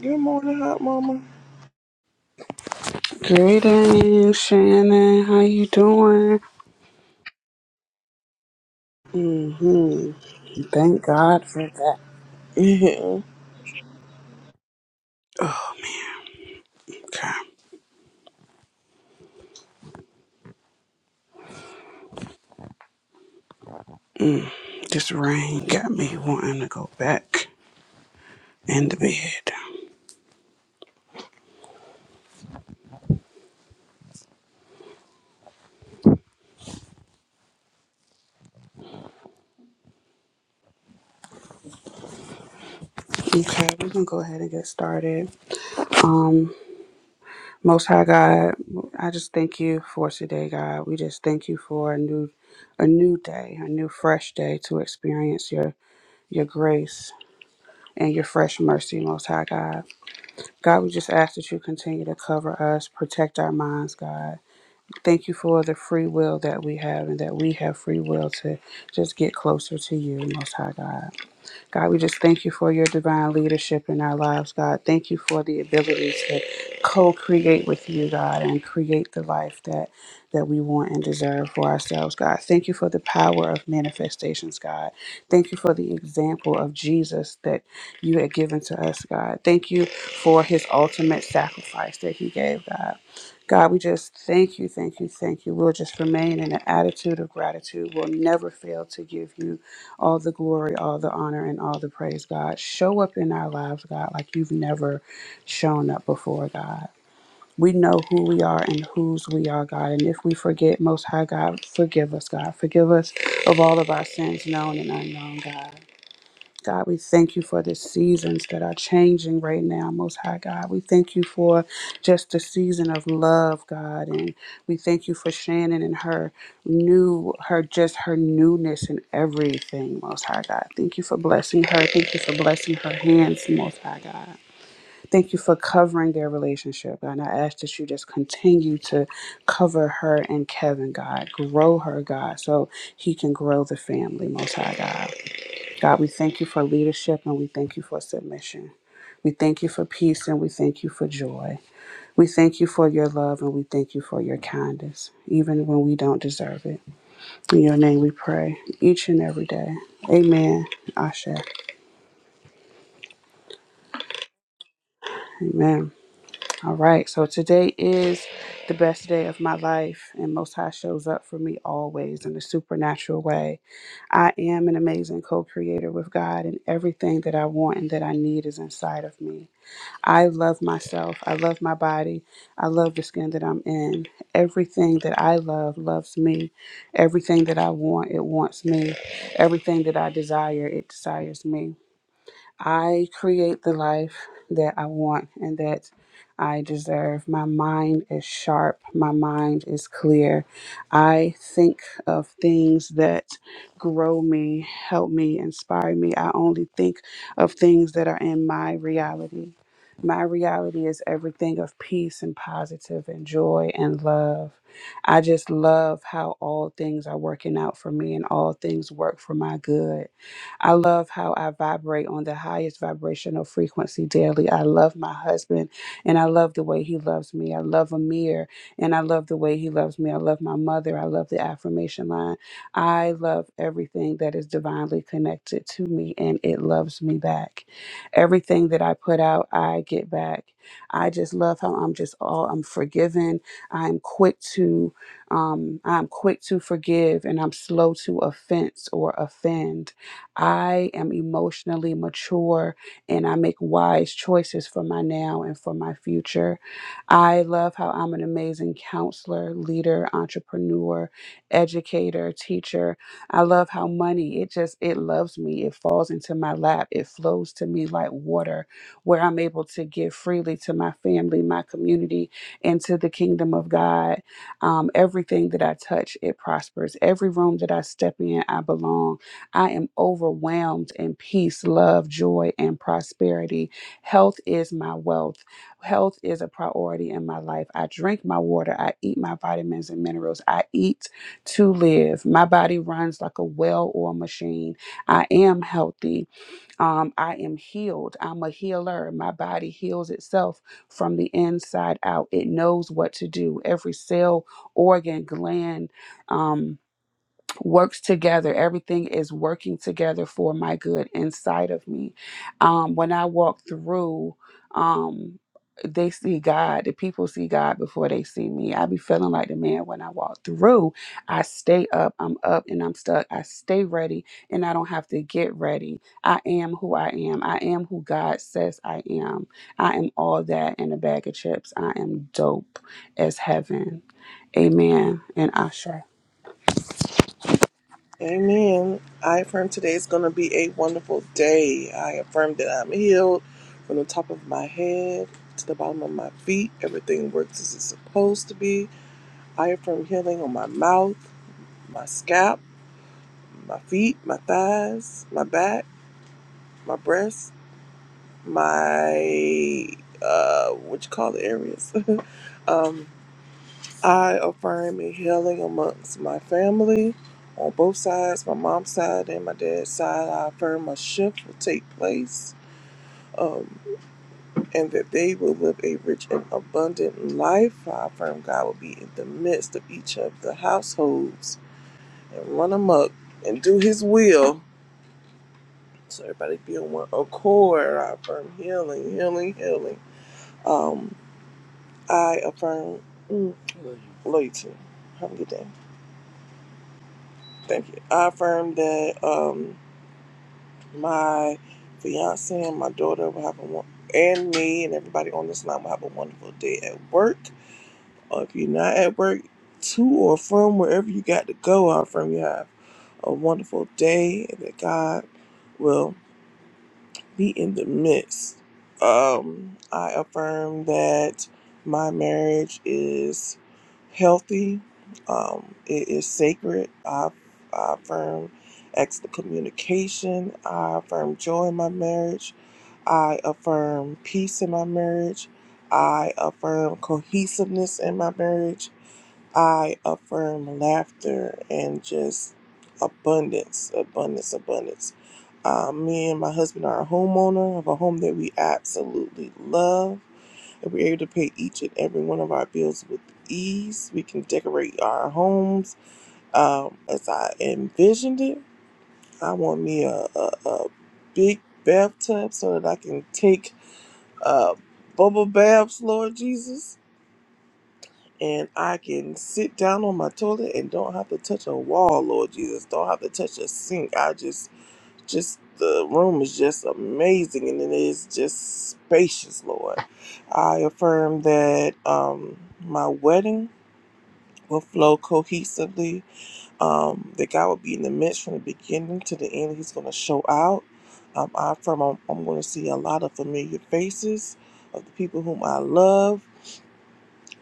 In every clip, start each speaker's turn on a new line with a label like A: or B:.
A: Good morning, hot mama.
B: Greetings, Shannon. How you doing? hmm Thank God for that. Okay, this rain got me wanting to go back in the bed. Okay, we're gonna go ahead and get started. Um, Most High God, I just thank you for today, God. We just thank you for a new, a new day, a new fresh day to experience your your grace and your fresh mercy, Most High God. God, we just ask that you continue to cover us, protect our minds, God. Thank you for the free will that we have and that we have free will to just get closer to you, Most High God. God, we just thank you for your divine leadership in our lives, God. Thank you for the ability to co-create with you, God, and create the life that that we want and deserve for ourselves, God. Thank you for the power of manifestations, God. Thank you for the example of Jesus that you had given to us, God. Thank you for his ultimate sacrifice that he gave, God. God, we just thank you, thank you, thank you. We'll just remain in an attitude of gratitude. We'll never fail to give you all the glory, all the honor, and all the praise, God. Show up in our lives, God, like you've never shown up before, God. We know who we are and whose we are, God. And if we forget, Most High God, forgive us, God. Forgive us of all of our sins, known and unknown, God. God, we thank you for the seasons that are changing right now, Most High God. We thank you for just the season of love, God, and we thank you for Shannon and her new, her just her newness and everything, Most High God. Thank you for blessing her. Thank you for blessing her hands, Most High God. Thank you for covering their relationship, God. And I ask that you just continue to cover her and Kevin, God. Grow her, God, so he can grow the family, Most High God. God, we thank you for leadership and we thank you for submission. We thank you for peace and we thank you for joy. We thank you for your love and we thank you for your kindness, even when we don't deserve it. In your name we pray each and every day. Amen. Asha. Amen. All right. So today is the best day of my life, and Most High shows up for me always in a supernatural way. I am an amazing co creator with God, and everything that I want and that I need is inside of me. I love myself. I love my body. I love the skin that I'm in. Everything that I love loves me. Everything that I want, it wants me. Everything that I desire, it desires me. I create the life that I want and that I deserve. My mind is sharp. My mind is clear. I think of things that grow me, help me, inspire me. I only think of things that are in my reality. My reality is everything of peace and positive and joy and love. I just love how all things are working out for me and all things work for my good. I love how I vibrate on the highest vibrational frequency daily. I love my husband and I love the way he loves me. I love Amir and I love the way he loves me. I love my mother. I love the affirmation line. I love everything that is divinely connected to me and it loves me back. Everything that I put out, I get back. I just love how I'm just all I'm forgiven. I'm quick to um I'm quick to forgive and I'm slow to offense or offend. I am emotionally mature and I make wise choices for my now and for my future. I love how I'm an amazing counselor, leader, entrepreneur, educator, teacher. I love how money, it just, it loves me. It falls into my lap. It flows to me like water, where I'm able to give freely to my family, my community, and to the kingdom of God. Um, everything that I touch, it prospers. Every room that I step in, I belong. I am overwhelmed in peace, love, joy, and prosperity. Health is my wealth. Health is a priority in my life. I drink my water. I eat my vitamins and minerals. I eat to live. My body runs like a well or machine. I am healthy. Um, I am healed. I'm a healer. My body heals itself from the inside out. It knows what to do. Every cell, organ, gland, um, works together. Everything is working together for my good inside of me. Um, when I walk through, um, they see God. The people see God before they see me. I be feeling like the man when I walk through. I stay up. I'm up and I'm stuck. I stay ready and I don't have to get ready. I am who I am. I am who God says I am. I am all that in a bag of chips. I am dope as heaven. Amen. And Asha.
A: Amen. I affirm today is going to be a wonderful day. I affirm that I'm healed from the top of my head to the bottom of my feet. Everything works as it's supposed to be. I affirm healing on my mouth, my scalp, my feet, my thighs, my back, my breasts, my uh, what you call the areas. Um, I affirm a healing amongst my family on both sides, my mom's side and my dad's side. I affirm a shift will take place um, and that they will live a rich and abundant life. I affirm God will be in the midst of each of the households and run amok and do his will. So everybody be on one accord. I affirm healing, healing, healing. Um, I affirm mm, loyalty. Have a good day. Thank you. I affirm that. Um, my fiance and my daughter will have a and me and everybody on this line will have a wonderful day at work. Or if you're not at work, to or from wherever you got to go or from you have a wonderful day and that God will be in the midst. Um, I affirm that my marriage is healthy. Um, it is sacred. I, I affirm extra communication. I affirm joy in my marriage. I affirm peace in my marriage. I affirm cohesiveness in my marriage. I affirm laughter and just abundance, abundance, abundance. Uh, me and my husband are a homeowner of a home that we absolutely love. And we're able to pay each and every one of our bills with ease. We can decorate our homes um, as I envisioned it. I want me a, a, a big bathtub so that I can take uh, bubble baths, Lord Jesus and I can sit down on my toilet and don't have to touch a wall, Lord Jesus. Don't have to touch a sink. I just, just the room is just amazing, and it is just spacious, Lord. I affirm that um, my wedding will flow cohesively. Um, that God will be in the midst from the beginning to the end. He's going to show out. Um, I affirm I'm, I'm going to see a lot of familiar faces of the people whom I love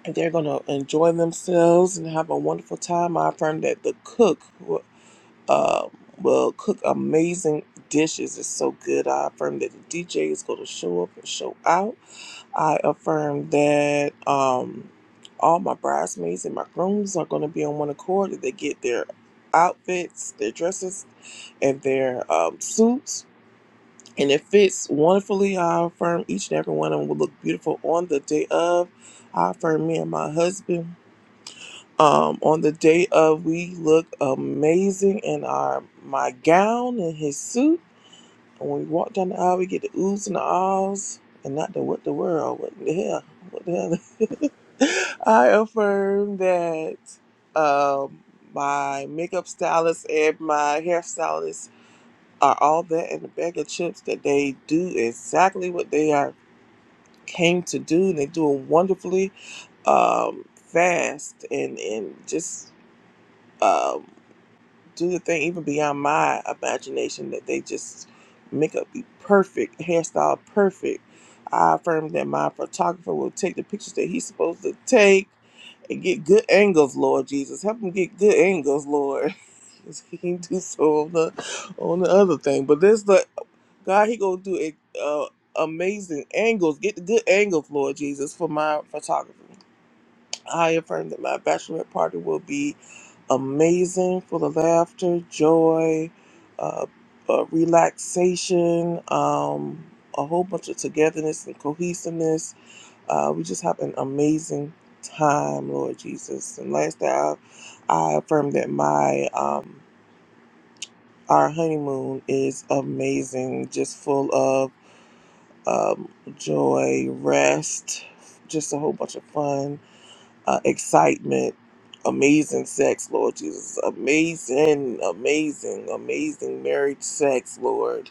A: and they're going to enjoy themselves and have a wonderful time. I affirm that the cook will, uh, will cook amazing dishes. It's so good. I affirm that the DJ is going to show up and show out. I affirm that um, all my bridesmaids and my grooms are going to be on one accord. That they get their outfits, their dresses, and their um, suits. And it fits wonderfully. I affirm each and every one of them will look beautiful on the day of. I affirm me and my husband um, on the day of we look amazing in our my gown and his suit. And when we walk down the aisle, we get the oohs and the ahs, and not the what the world, what the hell, what the hell. I affirm that um, my makeup stylist and my hairstylist are all that in a bag of chips. That they do exactly what they are came to do, and they do it wonderfully, um, fast, and and just. Um, do the thing even beyond my imagination that they just make up be perfect hairstyle perfect i affirm that my photographer will take the pictures that he's supposed to take and get good angles lord jesus help him get good angles lord 'Cause he can do so on the on the other thing but this the god he gonna do it uh amazing angles get the good angles lord jesus for my photographer I affirm that my bachelorette party will be amazing, full of laughter, joy, uh, uh, relaxation, um, a whole bunch of togetherness and cohesiveness. Uh, we just have an amazing time, Lord Jesus. And last day, I, I affirm that my um, our honeymoon is amazing, just full of um, joy, rest, just a whole bunch of fun uh, excitement, amazing sex, Lord Jesus. Amazing, amazing, amazing marriage sex, Lord.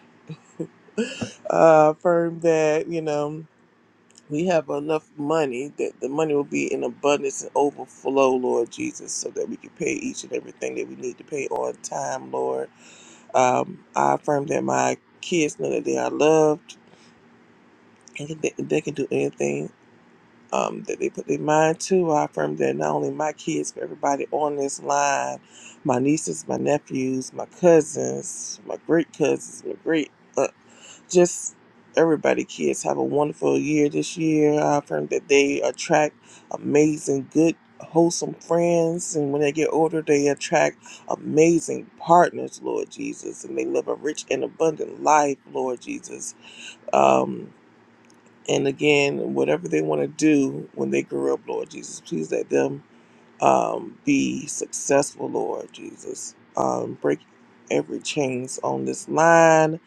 A: Uh, affirm that, you know, we have enough money that the money will be in abundance and overflow, Lord Jesus, so that we can pay each and everything that we need to pay on time, Lord. Um, I affirm that my kids know that they are loved and that they can do anything um, that they put their mind to. I affirm that not only my kids, but everybody on this line, my nieces, my nephews, my cousins, my great cousins, my great, uh, just everybody, kids have a wonderful year this year. I affirm that they attract amazing, good, wholesome friends. And when they get older, they attract amazing partners, Lord Jesus. And they live a rich and abundant life, Lord Jesus. Um, and again, whatever they want to do when they grow up, Lord Jesus, please let them um, be successful, Lord Jesus. Um, break every chains on this line,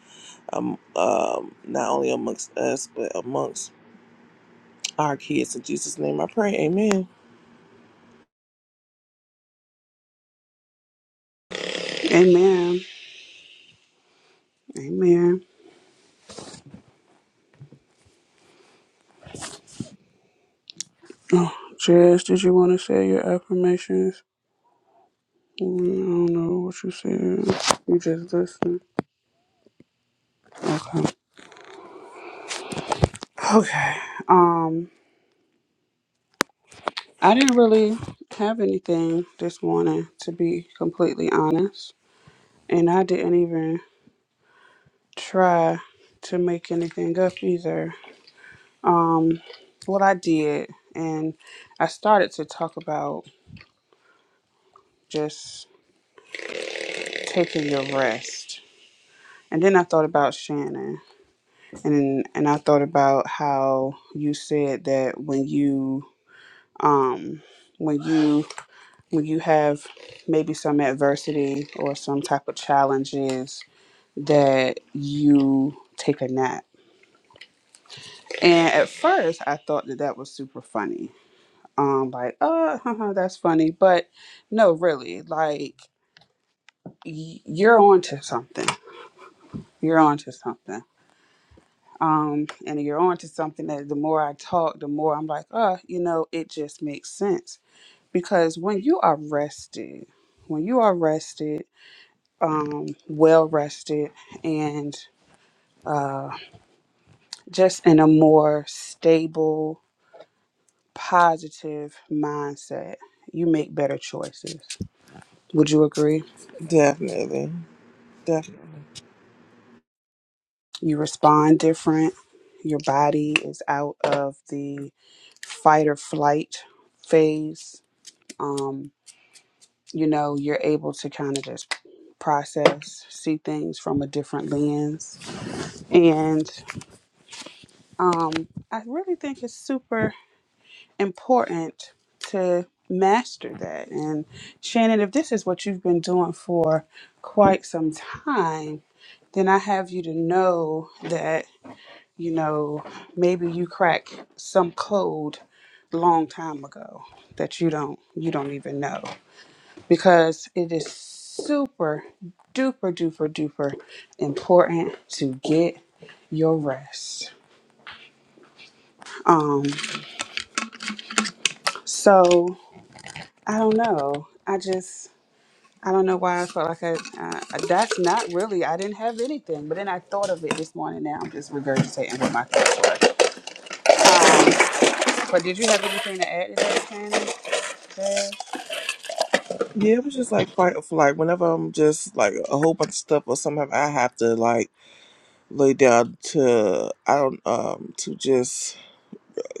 A: um, um, not only amongst us, but amongst our kids. In Jesus' name I pray. Amen.
B: Amen. Amen. Jess, did you want to say your affirmations? Mm, I don't know what you said. You just listened. Okay. Okay. Um, I didn't really have anything this morning, to be completely honest, and I didn't even try to make anything up either. Um, what I did, and I started to talk about just taking your rest, and then I thought about Shannon and and I thought about how you said that when you um when you when you have maybe some adversity or some type of challenges that you take a nap. And at first, I thought that that was super funny. Um, like, oh, that's funny, but no, really, like y- you're onto something. You're onto something. Um, and you're onto something that the more I talk, the more I'm like, oh, you know, it just makes sense because when you are rested, when you are rested, um, well rested, and uh, just in a more stable, positive mindset, you make better choices. Would you agree?
A: Definitely. Definitely.
B: You respond different. Your body is out of the fight or flight phase. Um, you know, you're able to kind of just process, see things from a different lens. and um, I really think it's super important to master that. And Shannon, if this is what you've been doing for quite some time, then I have you to know that, you know, maybe you crack some code long time ago that you don't you don't even know because it is super duper duper duper important to get your rest. So I don't know. I just I don't know why I felt like I, I that's not really I didn't have anything. But then I thought of it this morning. Now I'm just regurgitating what my thoughts. Um, but did you have anything to add to that, Candy? Jazz?
A: Yeah, it was just like fight or flight. Whenever I'm just like a whole bunch of stuff or something, I have to like lay down to I don't um to just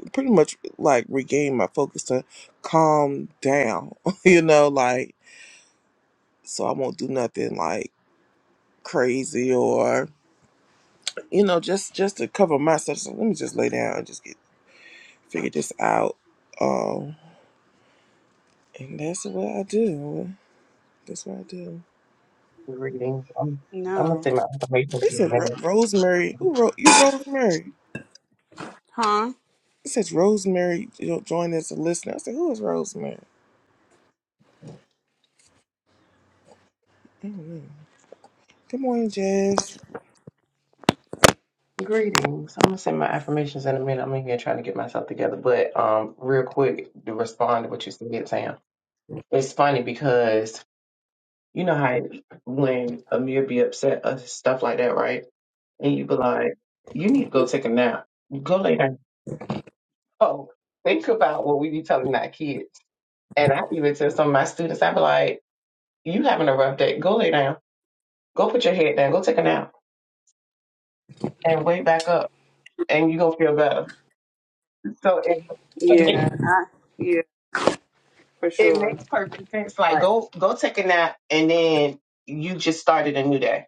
A: pretty much like regain my focus to calm down, you know, like so I won't do nothing like crazy or you know, just just to cover myself. So let me just lay down and just get figure this out. Um and that's what I do. That's what I do.
C: Greetings. I'm, I'm
B: No.
C: gonna say my affirmations
A: It
C: in a
A: said Ro-
C: minute.
A: Rosemary. Who wrote you Rosemary?
B: Huh?
A: It says Rosemary jo- joined as a listener. I said, who is Rosemary? I don't know. Good morning, Jess.
C: Greetings. I'm gonna say my affirmations in a minute. I'm in here trying to get myself together, but um, real quick to respond to what you said, Sam. It's funny because you know how when Amir be upset or stuff like that, right? And you be like, "You need to go take a nap. Go lay down." Oh, think about what we be telling our kids. And I even tell some of my students, I be like, "You having a rough day? Go lay down. Go put your head down. Go take a nap." And wake back up and you're gonna feel better. So it
B: Yeah. I, yeah. For
C: it
B: sure.
C: makes perfect sense. Like
B: Like,
C: go go take a nap and then you just started a new day.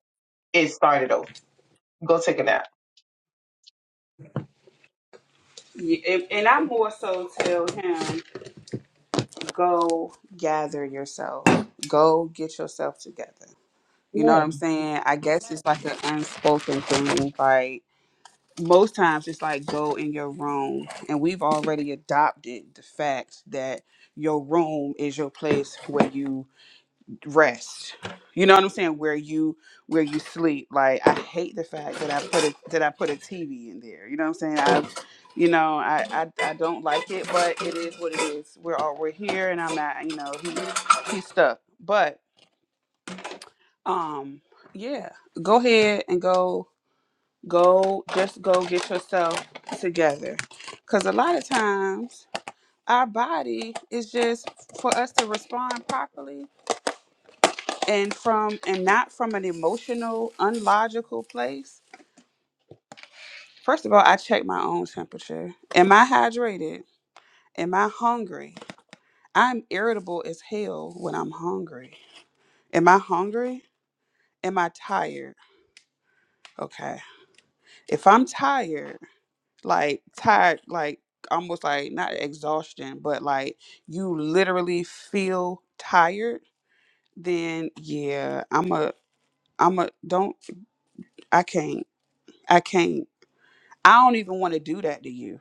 C: It started over. Go take a nap.
B: y- and and I more so tell him, go gather yourself. Go get yourself together. You know
C: Yeah.
B: what I'm saying? I guess it's like an unspoken thing, like most times it's like go in your room and we've already adopted the fact that your room is your place where you rest you know what i'm saying where you where you sleep like i hate the fact that i put a that i put a tv in there you know what i'm saying i you know i i, I don't like it but it is what it is we're all we're here and i'm not you know he, he's stuck but um yeah go ahead and go Go, just go get yourself together. Because a lot of times our body is just for us to respond properly and from and not from an emotional, unlogical place. First of all, I check my own temperature. Am I hydrated? Am I hungry? I'm irritable as hell when I'm hungry. Am I hungry? Am I tired? Okay. If I'm tired, like tired, like almost like not exhaustion, but like you literally feel tired, then yeah, I'm a, I'm a, don't, I can't, I can't, I don't even want to do that to you.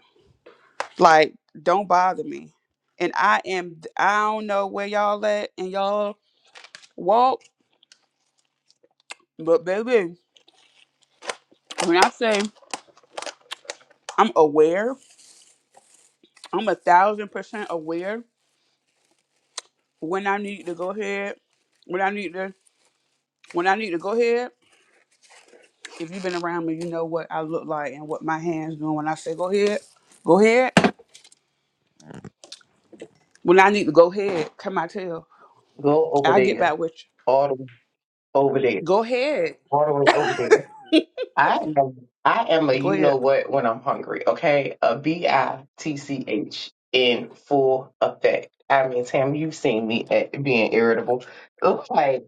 B: Like, don't bother me. And I am, I don't know where y'all at and y'all walk, but baby, when I say I'm aware, I'm a thousand percent aware when I need to go ahead, when I need to, when I need to go ahead If you've been around me, you know what I look like and what my hands doing. When I say go ahead, go ahead. When I need to go ahead, come my tail.
C: Go over
B: I'll get
C: there.
B: back with you.
C: All the way over there.
B: Go ahead.
C: All the way over there. I am I am a
B: Go
C: you
B: ahead.
C: know what when I'm hungry, okay? A B I T C H in full effect. I mean, Tam, you've seen me at being irritable. It's like,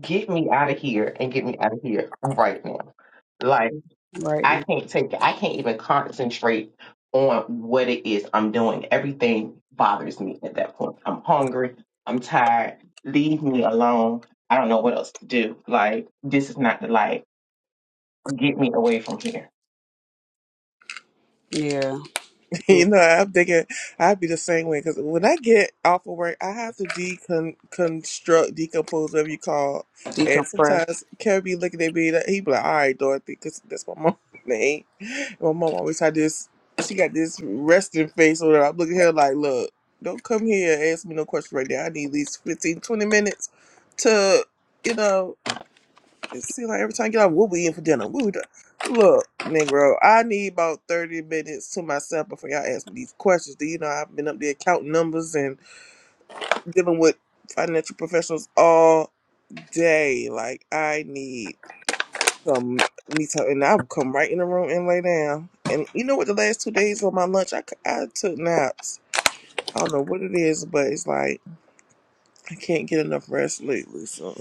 C: get me out of here and get me out of here right now Like,
B: Right
C: I
B: now.
C: can't take it. I can't even concentrate on what it is I'm doing. Everything bothers me at that point. I'm hungry. I'm tired. Leave me alone. I don't know what else to do. Like, this is not the life. Get me away from here.
B: Yeah. Yeah.
A: You know, I'm thinking I'd be the same way because when I get off of work, I have to deconstruct, decompose, whatever you call. it. And
B: Decompress.
A: sometimes Kevin be looking at me, like, he be like, "All right, Dorothy," because that's my mom's name. And My mom always had this. She got this resting face or whatever. I'm looking at her like, "Look, don't come here and ask me no questions right now. I need at least 15, 20 minutes to, you know." It seems like every time I get up, what we eating for dinner? What we do? Look, Negro, I need about 30 minutes to myself before y'all ask me these questions. Do you know I've been up there counting numbers and dealing with financial professionals all day? Like, I need some me time. And I'll come right in the room and lay down. And you know what? The last two days on my lunch, I, c- I took naps. I don't know what it is, but it's like I can't get enough rest lately. So.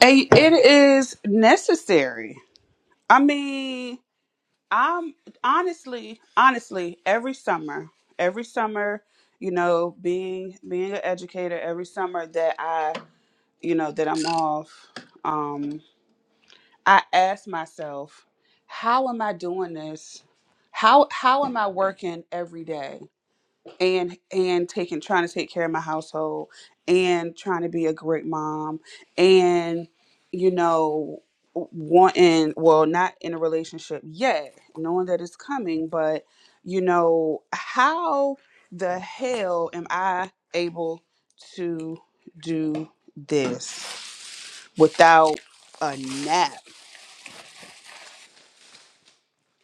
B: And it is necessary. I mean, I'm honestly, honestly, every summer, every summer, you know, being being an educator, every summer that I, you know, that I'm off, um, I ask myself, how am I doing this? How how am I working every day and and taking trying to take care of my household and trying to be a great mom and you know wanting well not in a relationship yet knowing that it's coming but you know how the hell am I able to do this without a nap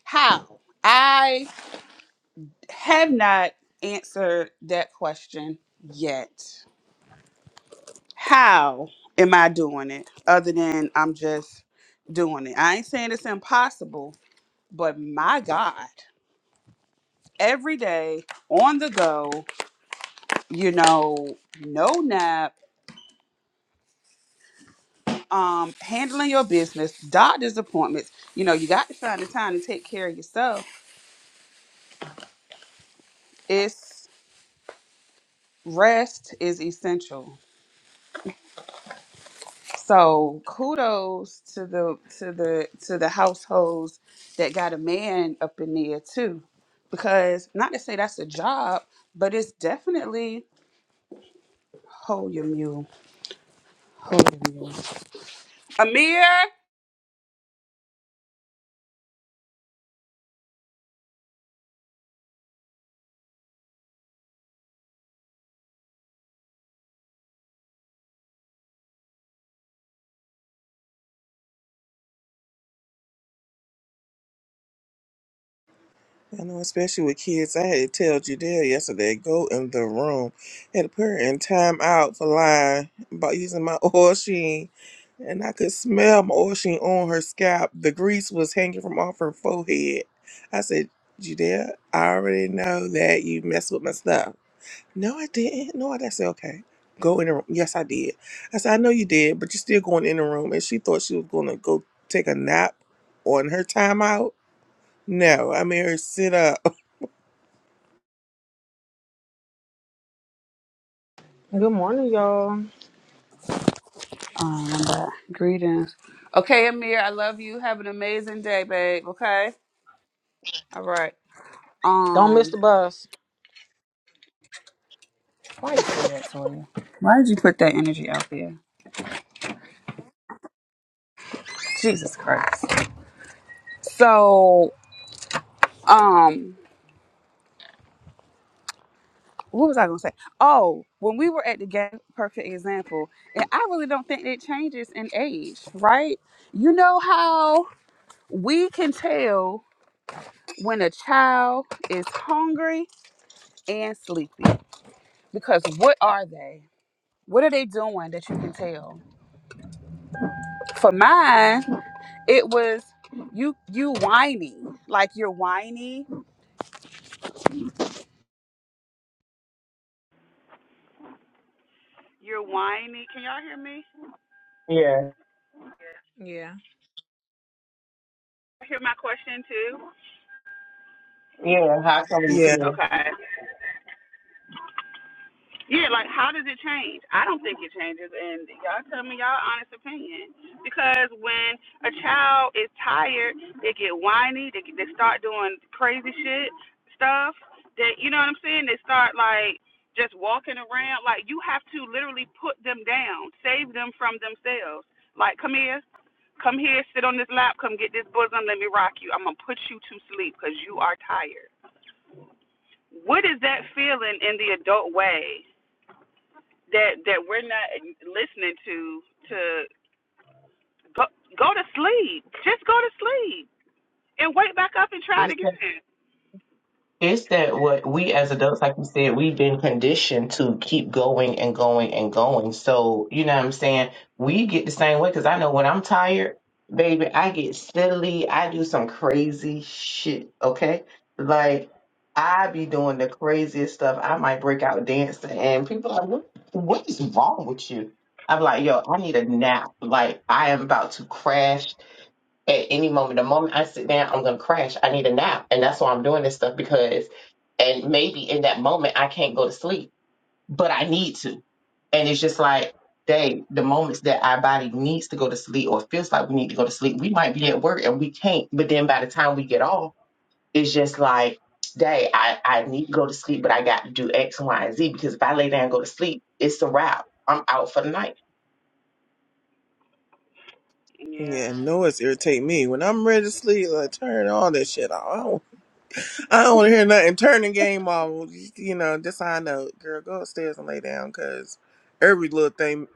B: How? I have not answered that question yet. How am I doing it other than I'm just doing it? I ain't saying it's impossible, but my God, every day on the go, you know, no nap, um, handling your business, doctor's appointments, you know, you got to find the time to take care of yourself. It's rest is essential So kudos to the to the to the households that got a man up in there too. Because not to say that's a job, but it's definitely hold your mule. Hold your mule. Amir
A: I know, especially with kids. I had to tell Jadelle yesterday, go in the room. had to put her in time out for lying about using my oil sheen. And I could smell my oil sheen on her scalp. The grease was hanging from off her forehead. I said, Judea, I already know that you messed with my stuff. No, I didn't. No, I didn't. I said, okay, go in the room. Yes, I did. I said, I know you did, but you're still going in the room. And she thought she was going to go take a nap on her time out. No, I made her sit up.
D: Good morning, y'all.
B: um but greetings. Okay, Amir, I love you. Have an amazing day, babe. Okay? All right.
D: Don't miss
B: Um,
D: the bus.
B: why you say that, Toya? Why did you put that energy out there? Jesus Christ. So, um, what was I gonna say? Oh, when we were at the game, perfect example. And I really don't think it changes in age, right? You know how we can tell when a child is hungry and sleepy because what are they? What are they doing that you can tell? For mine, it was you you whiny like you're whiny you're whiny can y'all hear me
C: Yeah.
D: Yeah.
B: hear my question too
C: Yeah. How come
A: Yeah,
C: you
B: okay Yeah, like how does it change? I don't think it changes, and y'all tell me y'all honest opinion. Because when a child is tired, they get whiny, they they start doing crazy shit stuff. That you know what I'm saying? They start like just walking around. Like you have to literally put them down, save them from themselves. Like come here, come here, sit on this lap, come get this bosom, let me rock you. I'm gonna put you to sleep because you are tired. What is that feeling in the adult way? that that we're not listening to to go go to sleep. Just go to sleep and wake back up and try it
C: tell?
B: again.
C: It's that what we as adults, like you said, we've been conditioned to keep going and going and going. So, you know what I'm saying? We get the same way because I know when I'm tired, baby, I get silly. I do some crazy shit, okay? Like, I be doing the craziest stuff. I might break out dancing, and people are like, what, what is wrong with you? I'm like, yo, I need a nap. Like, I am about to crash at any moment. The moment I sit down, I'm gonna crash. I need a nap. And that's why I'm doing this stuff because and maybe in that moment I can't go to sleep, but I need to. And it's just like, dang, the moments that our body needs to go to sleep or feels like we need to go to sleep, we might be at work and we can't. But then by the time we get off, it's just like, dang, I, I need to go to sleep, but I got to do X, Y, and Z because if I lay down and go to sleep, it's a wrap. I'm out for the night.
B: Yeah.
A: yeah, noise irritate me. When I'm ready to sleep, like turn all that shit off. I don't, I don't want to hear nothing. Turn the game off. You know, that's how I know. Girl, go upstairs and lay down, cause every little thing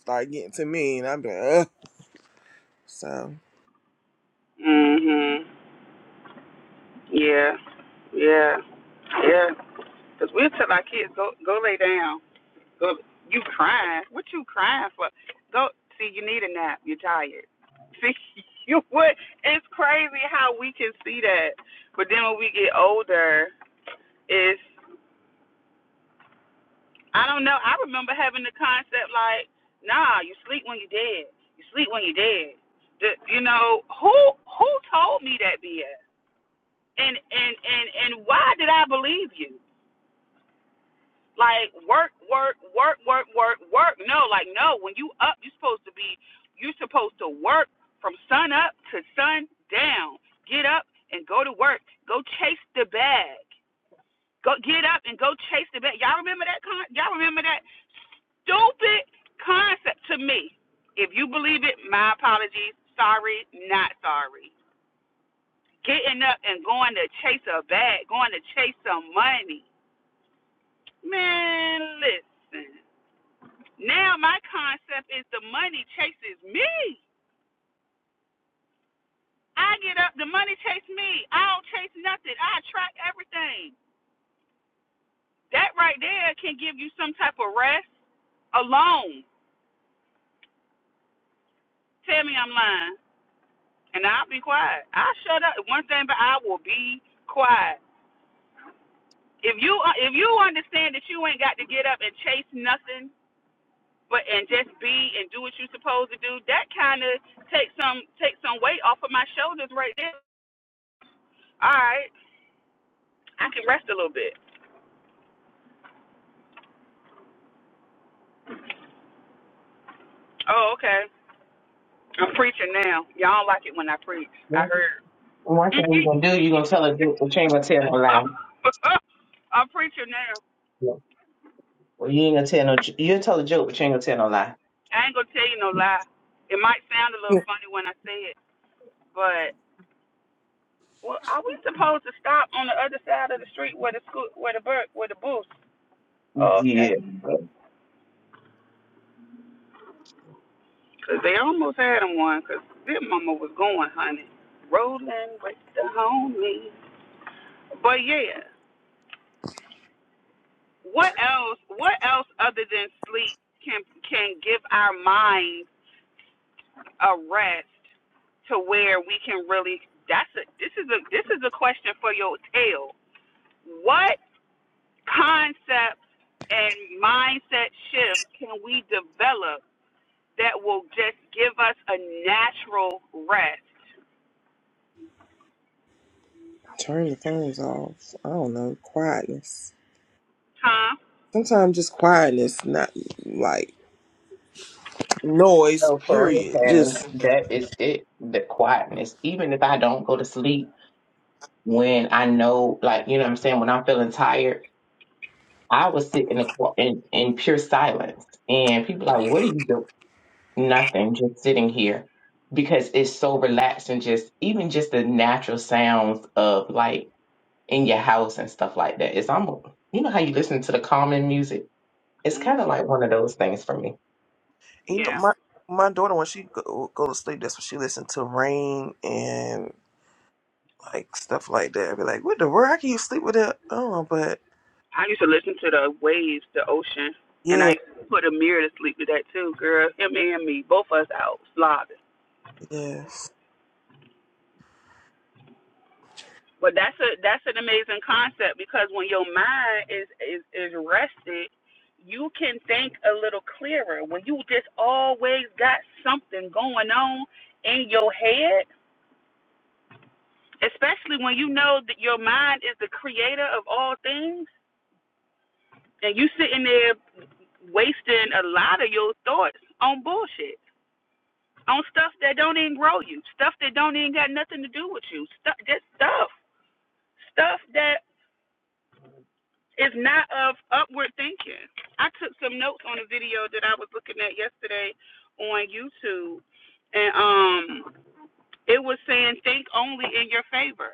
A: start getting to me, and I'm like, Ugh. so
B: Mhm. Yeah. Yeah. Yeah. Cause we'll tell our kids go go lay down. Go. You crying? What you crying for? Go. See, you need a nap. You're tired. See, you what? It's crazy how we can see that, but then when we get older, it's. I don't know. I remember having the concept like, nah, you sleep when you are dead. You sleep when you are dead. The, you know who who told me that BS? And and and and why did I believe you? Like work work work work work work. No, like no. When you up, you're supposed to be. You're supposed to work from sun up to sun down. Get up and go to work. Go chase the bag. Go get up and go chase the bag. Y'all remember that? Con- y'all remember that? stupid concept to me. If you believe it, my apologies. Sorry, not sorry. Getting up and going to chase a bag, going to chase some money. Man, listen. Now my concept is the money chases me. I get up, the money chase me. I don't chase nothing. I attract everything. That right there can give you some type of rest alone. Tell me I'm lying, and I'll be quiet. I shut up. One thing, but I will be quiet. if you uh, if you understand that you ain't got to get up and chase nothing but and just be and do what you're supposed to do, that kind of takes some takes some weight off of my shoulders right there. All right, I can rest a little bit. Oh, okay. I'm preaching now. Y'all don't like it when I preach. I heard.
C: One thing you're going to do, you're going to tell a joke, but you ain't going to tell no
B: I'm preaching now.
C: lie. Well, you ain't gonna tell no. j- You'll tell a joke, but you ain't gonna tell no lie.
B: I ain't gonna tell you no lie. It might sound a little
A: yeah,
B: funny when I say it, but well, are we supposed to stop on the other side of the street where the school, where the bur- where the booth? Oh, okay.
C: Yeah.
B: Cause they almost had him one, cause their mama was going, honey, rolling with the homies. But yeah, what else? What else other than sleep can can give our minds a rest to where we can really? That's a this is a this is a question for your tail. What concepts and mindset shifts can we develop that will just give us a natural rest?
A: turn the phones off. I don't know, quietness.
B: Huh?
A: Sometimes just quietness, not like noise.
C: No, for real,
A: Period.
C: Shannon.
A: Just
C: That is it. The quietness. Even if I don't go to sleep, when I know, like you know, what I'm saying, when I'm feeling tired, I will sit in the qu- in, in pure silence. And people like, what are you doing? Nothing. Just sitting here because it's so relaxed and just even just the natural sounds of like in your house and stuff like that. It's almost you know how you listen to the calming music. It's
B: hmm
C: kind of like one of those things for me.
A: you know,
B: Yeah.
A: my my daughter when she go, go to sleep, that's what she listen to rain and. like stuff like that. I'd be like, what the world? How can you sleep with that? Oh, but
B: I used to listen to the waves, the ocean, and I
A: yeah,
B: used to put a mirror to sleep to that too, girl. Him and me, both of us out slobbing.
A: yeah.
B: But that's a that's an amazing concept because when your mind is is is rested, you can think a little clearer. When you just always got something going on in your head, especially when you know that your mind is the creator of all things, and you sitting there wasting a lot of your thoughts on bullshit on stuff that don't even grow you, stuff that don't even got nothing to do with you, stuff just stuff, stuff that is not of upward thinking. I took some notes on a video that I was looking at yesterday on YouTube, and um, it was saying think only in your favor.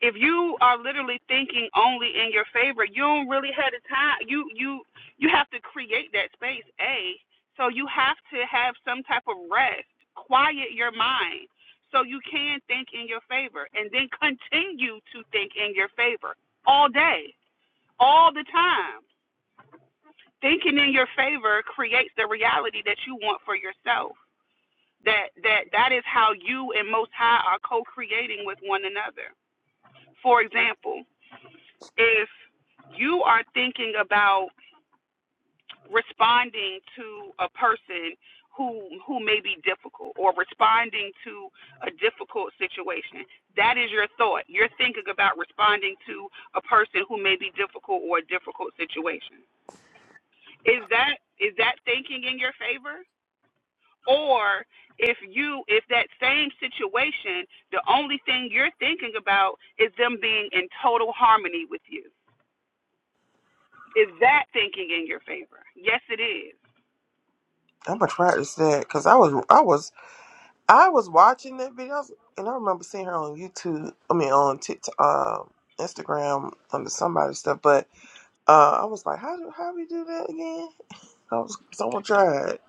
B: if you are literally thinking only in your favor, you don't really have the time. You you you have to create that space, a. So you have to have some type of rest, quiet your mind, so you can think in your favor, and then continue to think in your favor all day, all the time. Thinking in your favor creates the reality that you want for yourself. That that that is how you and Most High are co-creating with one another. For example, if you are thinking about responding to a person who who may be difficult or responding to a difficult situation that is your thought you're thinking about responding to a person who may be difficult or a difficult situation is that is that thinking in your favor or if you if that same situation the only thing you're thinking about is them being in total harmony with you Is that thinking in your favor? Yes, it is.
A: I'm gonna practice that because I was, I was, I was watching that video, I was- and I remember seeing her on YouTube. I mean, on TikTok, um, Instagram, under somebody's stuff. But uh, I was like, how do how we do that again? I was, so I'm gonna try it.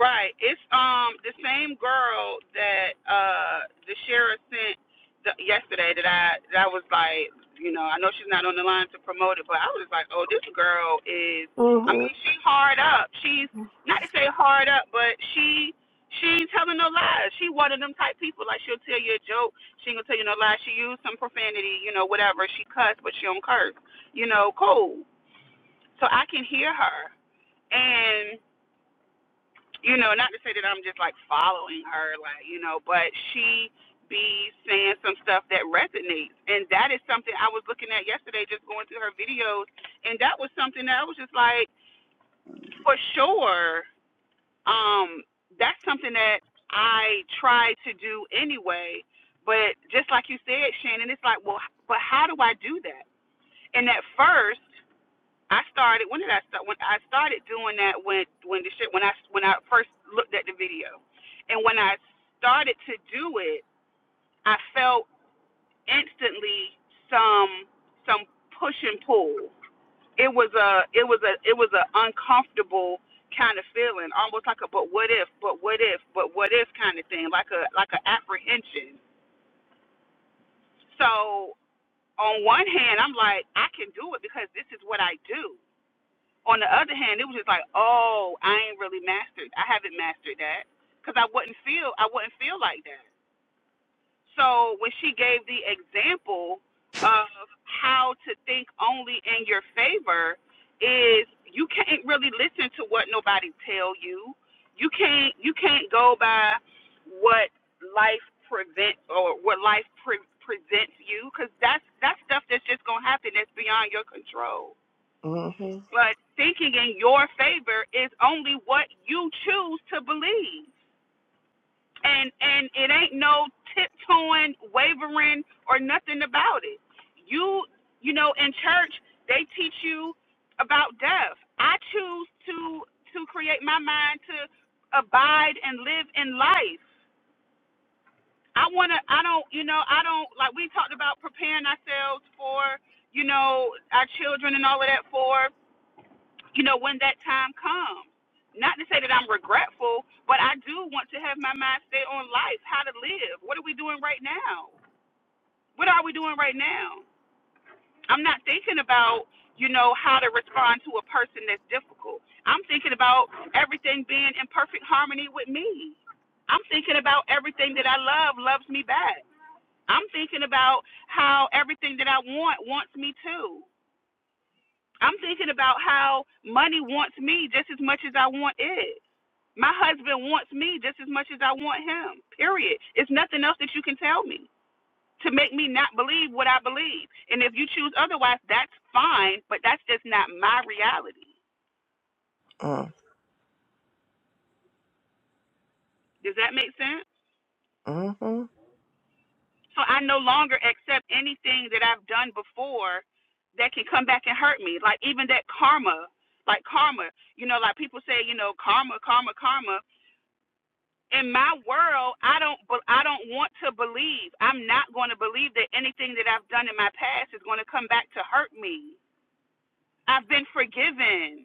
B: Right. It's um the same girl that uh the sheriff sent the, yesterday that I that I was like, you know, I know she's not on the line to promote it, but I was like, oh, this girl is. I
A: Mhm,
B: mean, she's hard up. She's not to say hard up, but she she ain't telling no lies. She one of them type people. Like she'll tell you a joke. She ain't gonna tell you no lies. She used some profanity, you know, whatever. She cussed, but she don't curse. You know, cool. So I can hear her. and you know, not to say that I'm just like following her, like you know, but she be saying some stuff that resonates, and that is something I was looking at yesterday, just going through her videos, and that was something that I was just like, for sure, um, that's something that I try to do anyway. But just like you said, Shannon, it's like, well, but how do I do that? And at first, I started. When did I start? When I started doing that, when when the shit, when I when I first looked at the video, and when I started to do it, I felt instantly some some push and pull. It was a it was a it was an uncomfortable kind of feeling, almost like a but what if, but what if, but what if kind of thing, like a like an apprehension. So on one hand, I'm like I can do it because this is what I do On the other hand, it was just like, oh, I ain't really mastered. I haven't mastered that because I wouldn't feel I wouldn't feel like that. So when she gave the example of how to think only in your favor, is you can't really listen to what nobody tell you. You can't you can't go by what life prevent or what life pre- presents you because that's that's stuff that's just gonna happen that's beyond your control.
A: mhm,
B: But thinking in your favor is only what you choose to believe. And and it ain't no tiptoeing, wavering, or nothing about it. You you know, in church they teach you about death. I choose to to create my mind to abide and live in life. I wanna I don't you know, I don't like we talked about preparing ourselves for, you know, our children and all of that for you know, when that time comes. Not to say that I'm regretful, but I do want to have my mind stay on life, how to live. What are we doing right now? What are we doing right now? I'm not thinking about, you know, how to respond to a person that's difficult. I'm thinking about everything being in perfect harmony with me. I'm thinking about everything that I love loves me back. I'm thinking about how everything that I want wants me too. I'm thinking about how money wants me just as much as I want it. My husband wants me just as much as I want him. Period. It's nothing else that you can tell me to make me not believe what I believe. And if you choose otherwise, that's fine, but that's just not my reality.
A: mm,
B: Does that make sense?
A: mhm.
B: So I no longer accept anything that I've done before that can come back and hurt me. Like even that karma, like karma, you know, like people say, you know, karma, karma, karma. in my world i don't i don't want to believe i'm not going to believe that anything that i've done in my past is going to come back to hurt me i've been forgiven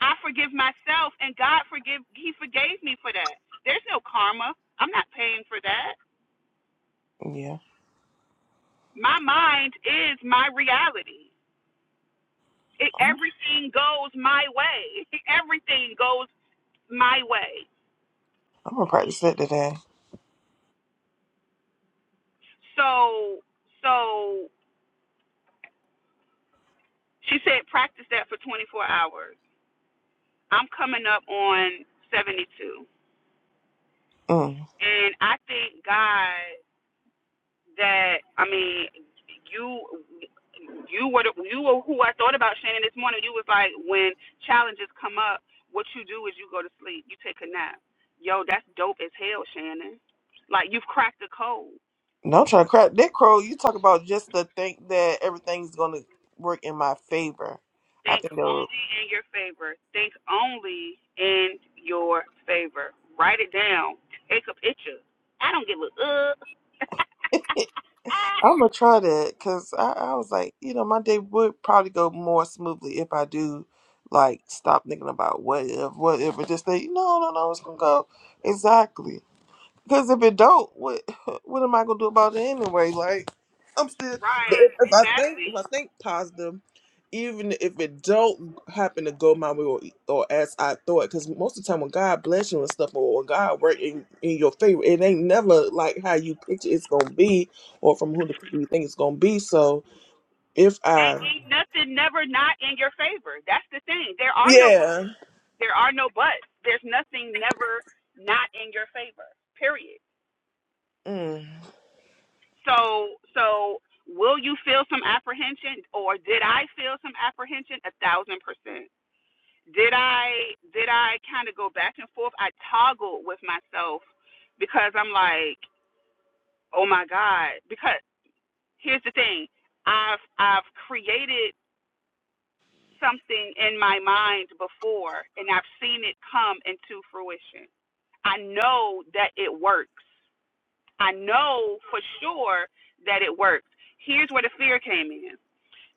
B: i forgive myself and god forgive he forgave me for that there's no karma i'm not paying for that
A: Yeah,
B: my mind is my reality it,
A: I'm,
B: everything goes my way everything goes my way
A: I'm gonna practice that today.
B: so so she said practice that for 24 hours I'm coming up on 72.
A: Mm.
B: And I thank God that, I mean, you you were you were who I thought about Shannon this morning. You was like when challenges come up, what you do is you go to sleep, you take a nap. Yo, that's dope as hell, Shannon. Like you've cracked the code.
A: No, I'm trying to crack that crow. You talk about just to think that everything's going to work in my favor. I
B: Think
A: think
B: only in your favor. Think only in your favor. Write it down. Take a picture. I don't give a uh.
A: it I'm gonna try that because I, I was like, you know, my day would probably go more smoothly if I do like stop thinking about what if, what if, and just say, no, no, no, it's gonna go exactly. Because if it don't, what what am I gonna do about it anyway? Like, I'm still. but
B: Right,
A: If if I think
B: exactly.
A: if I think positive, even if it don't happen to go my way or, or as I thought, because most of the time when God bless you and stuff or when God work in, in your favor, it ain't never like how you picture it's gonna be or from who the people you think it's gonna be. So if
B: ain't,
A: I,
B: nothing never not in your favor. That's the thing. There are no
A: yeah,
B: there are no buts. There's nothing never not in your favor. Period.
A: mm,
B: So so will you feel some apprehension or did I feel some apprehension? A thousand percent. Did I did I kind of go back and forth? I toggled with myself because I'm like, oh my God. Because here's the thing. I've I've created something in my mind before and I've seen it come into fruition. I know that it works. I know for sure that it works. Here's where the fear came in.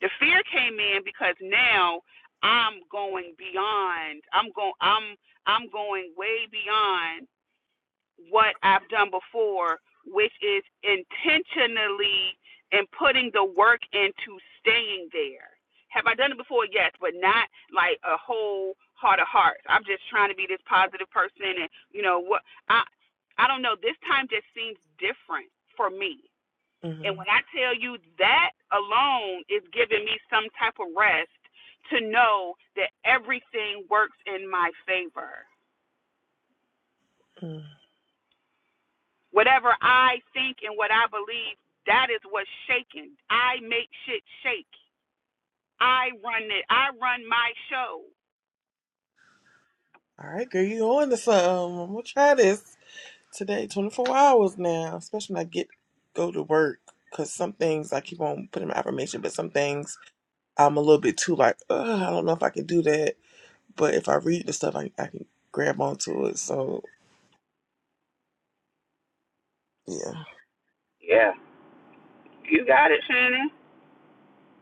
B: The fear came in because now I'm going beyond. I'm going I'm I'm going way beyond what I've done before, which is intentionally and putting the work into staying there. Have I done it before? Yes, but not like a whole heart of hearts. I'm just trying to be this positive person, and you know what? I I don't know. This time just seems different for me. And
A: mm,
B: when I tell you that alone is giving me some type of rest to know that everything works in my favor
A: mm.
B: Whatever I think and what I believe, that is what's shaking. I make shit shake. I run it. I run my show.
A: all right, girl, you on to something? I'm gonna try this. today, 24 hours now, especially when I get go to work. Because some things I keep on putting my affirmation, but some things I'm a little bit too like, Ugh, I don't know if I can do that. But if I read the stuff, I, I can grab onto it. So, yeah.
B: Yeah, you got it, Shannon.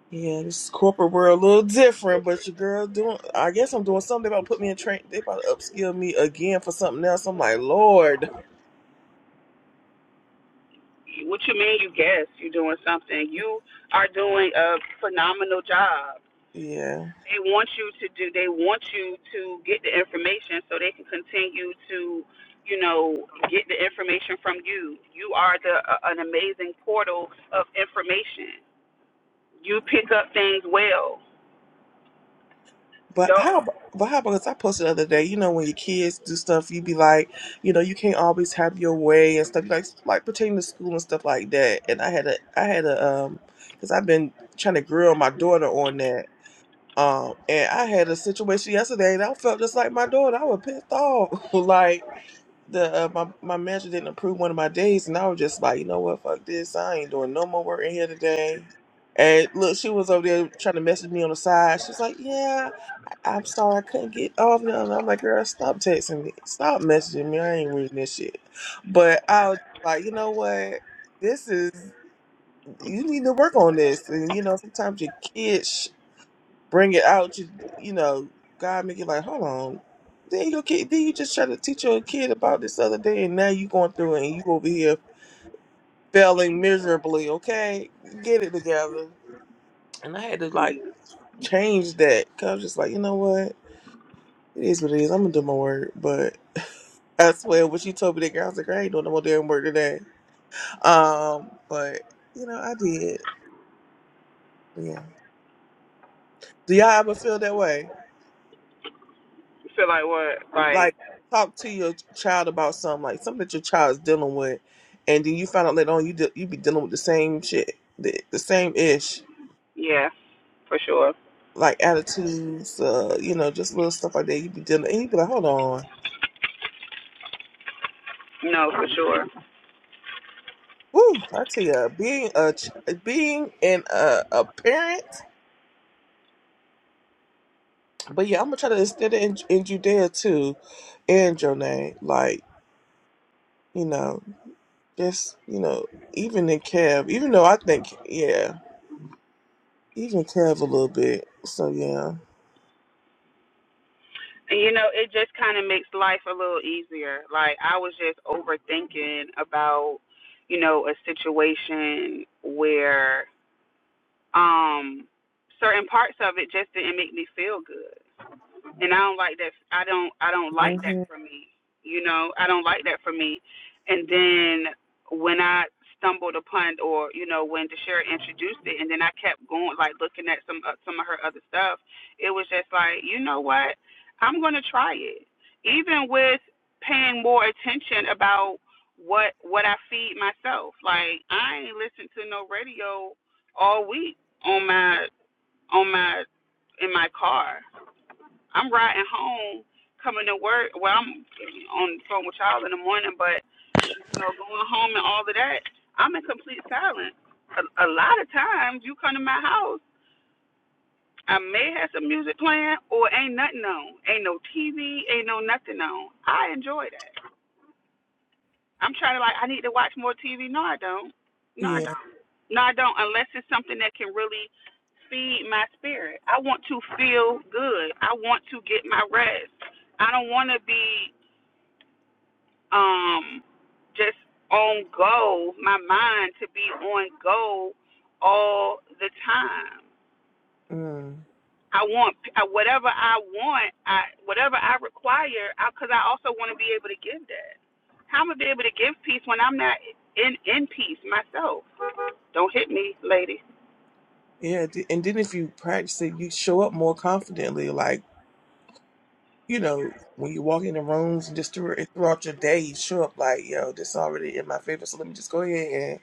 A: Yeah, this corporate world a little different, but your girl doing, I guess I'm doing something. They about to put me in train, they about to upskill me again for something else. I'm like, Lord.
B: What you mean? You guess you're doing something. You are doing a phenomenal job.
A: Yeah.
B: They want you to do. They want you to get the information so they can continue to, you know, get the information from you. You are the uh, an amazing portal of information. You pick up things well.
A: But
B: Don't.
A: how, ab- but how about this? I posted the other day, you know, when your kids do stuff, you be like, you know, you can't always have your way and stuff like, like pertaining to school and stuff like that. And I had a, I had a, um, cause I've been trying to grill my daughter on that. Um, and I had a situation yesterday that I felt just like my daughter. I was pissed off. like the, uh, my, my manager didn't approve one of my days. And I was just like, you know what? Fuck this. I ain't doing no more work in here today. And look, she was over there trying to message me on the side. She's like, yeah. I'm sorry, I couldn't get off them. I'm like, girl, stop texting me. Stop messaging me. I ain't reading this shit. But I was like, you know what? This is, you need to work on this. And, you know, sometimes your kids sh- bring it out. You, you know, God make it like, hold on. Then your kid, then you just try to teach your kid about this other day, and now you going through it, and you over here failing miserably. Okay, get it together. And I had to like change that because I was just like, you know what? It is what it is. I'm gonna do my work, but I swear, when she told me that, girl, I was like, I ain't doing no more damn work today. Um, but you know, I did. Yeah. Do y'all ever feel that way?
B: Feel like what? Like,
A: Like, talk to your child about something, like something that your child is dealing with, and then you find out later on you de- you be dealing with the same shit, the, the same ish,
B: yeah, for sure.
A: like attitudes, uh, you know, just little stuff like that. You be dealing, and you be like, hold on,
B: No, for sure.
A: woo, I tell you, being a ch- being an uh, a parent But yeah, I'm gonna try to instead of in, in Judea too, and Jonah, like you know, just you know, even in Kev, even though I think yeah, even Kev a little bit. So yeah,
B: And you know, it just kind of makes life a little easier. Like, I was just overthinking about, you know, a situation where um certain parts of it just didn't make me feel good. and I don't like that. I don't I don't like that
A: hmm
B: for me. You know, I don't like that for me. And then when I stumbled upon, or you know, when Deshara introduced it, and then I kept going, like looking at some uh, some of her other stuff, it was just like, you know what, I'm gonna try it, even with paying more attention about what what I feed myself. Like I ain't listened to no radio all week on my on my in my car I'm riding home, coming to work. Well, I'm on the phone with y'all in the morning, but you know, going home and all of that, I'm in complete silence. A, a lot of times, you come to my house, I may have some music playing, or ain't nothing on, ain't no TV, ain't no nothing on. I enjoy that. I'm trying to like, I need to watch more TV. No, I don't. No, I
A: yeah,
B: don't. No, I don't. Unless it's something that can really feed my spirit. I want to feel good. I want to get my rest. I don't want to be um just on go, my mind to be on go all the time.
A: mm.
B: I want whatever I want, I whatever I require, because I, 'cause I also want to be able to give that. How am I be able to give peace when I'm not in in peace myself? Don't hit me, lady.
A: yeah. th- And then if you practice it, you show up more confidently. Like you know, when you walk in the rooms and just through, throughout your day, you show up like yo, this already in my favor. So let me just go ahead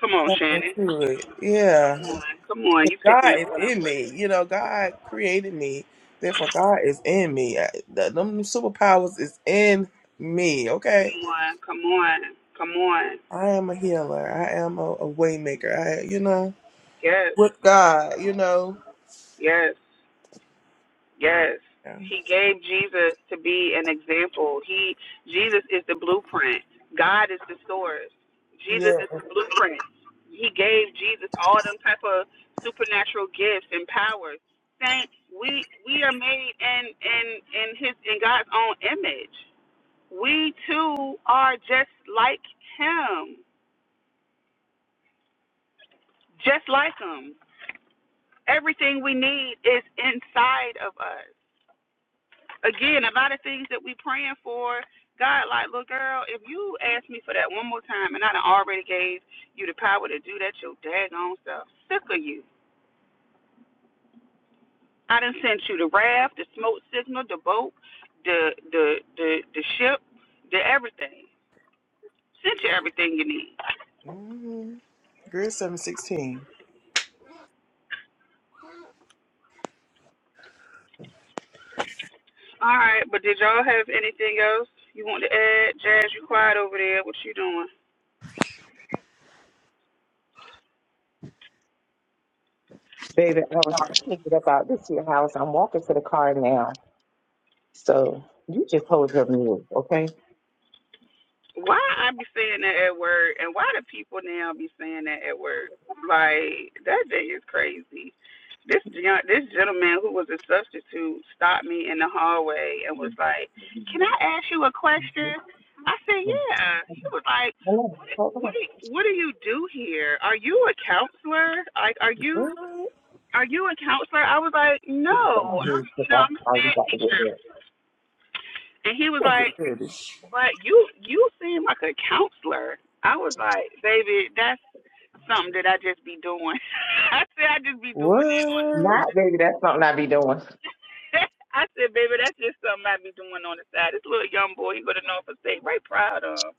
B: Come on,
A: and tap
B: Shannon.
A: into it. Yeah
B: Come on, come on.
A: 'Cause
B: You picking
A: God
B: up
A: is
B: what I'm
A: in
B: putting?
A: me. You know, God created me. Therefore, God is in me. I, the, them superpowers is in me. Okay,
B: Come on, come on, come on.
A: I am a healer. I am a, a waymaker. I, you know,
B: Yes,
A: with God, you know.
B: yes. Yes.
A: Yeah.
B: He gave Jesus to be an example. He Jesus is the blueprint. God is the source. Jesus
A: yeah.
B: is the blueprint. He gave Jesus all them type of supernatural gifts and powers. Saying we we are made in in in his in God's own image. We too are just like him. Just like him. Everything we need is inside of us. again, a lot of things that we praying for, God, like, little girl, if you ask me for that one more time and I done already gave you the power to do that, your daggone self, sick of you. I done sent you the raft, the smoke signal, the boat, the the the the ship, the everything. Sent you everything you need.
A: Mm-hmm. Grade seven sixteen.
B: All right, but did y'all have anything else you want to add? Jazz, you quiet over there. What you doing?
C: Baby, I was thinking about this here house. I'm walking to the car now. So you just hold your mule, okay?
B: Why I be saying that at work, and why do people now be saying that at work? Like that thing is crazy. This gen- this gentleman who was a substitute stopped me in the hallway and was like, "Can I ask you a question?" I said, "Yeah." He was like, "What do- what do- what do you do here? Are you a counselor? Like, are
A: What?
B: you are you a counselor?" I was like, "No, I'm you know I'm a STEM teacher." And he was like. But you you seem like a counselor. I was like, baby, that's something that I just be doing. I said I just be doing it on the
A: What?
C: Not, baby, that's something I be doing.
B: side. I said, baby, that's just something I be doing on the side. This little young boy, he go to Norfolk State, right proud of.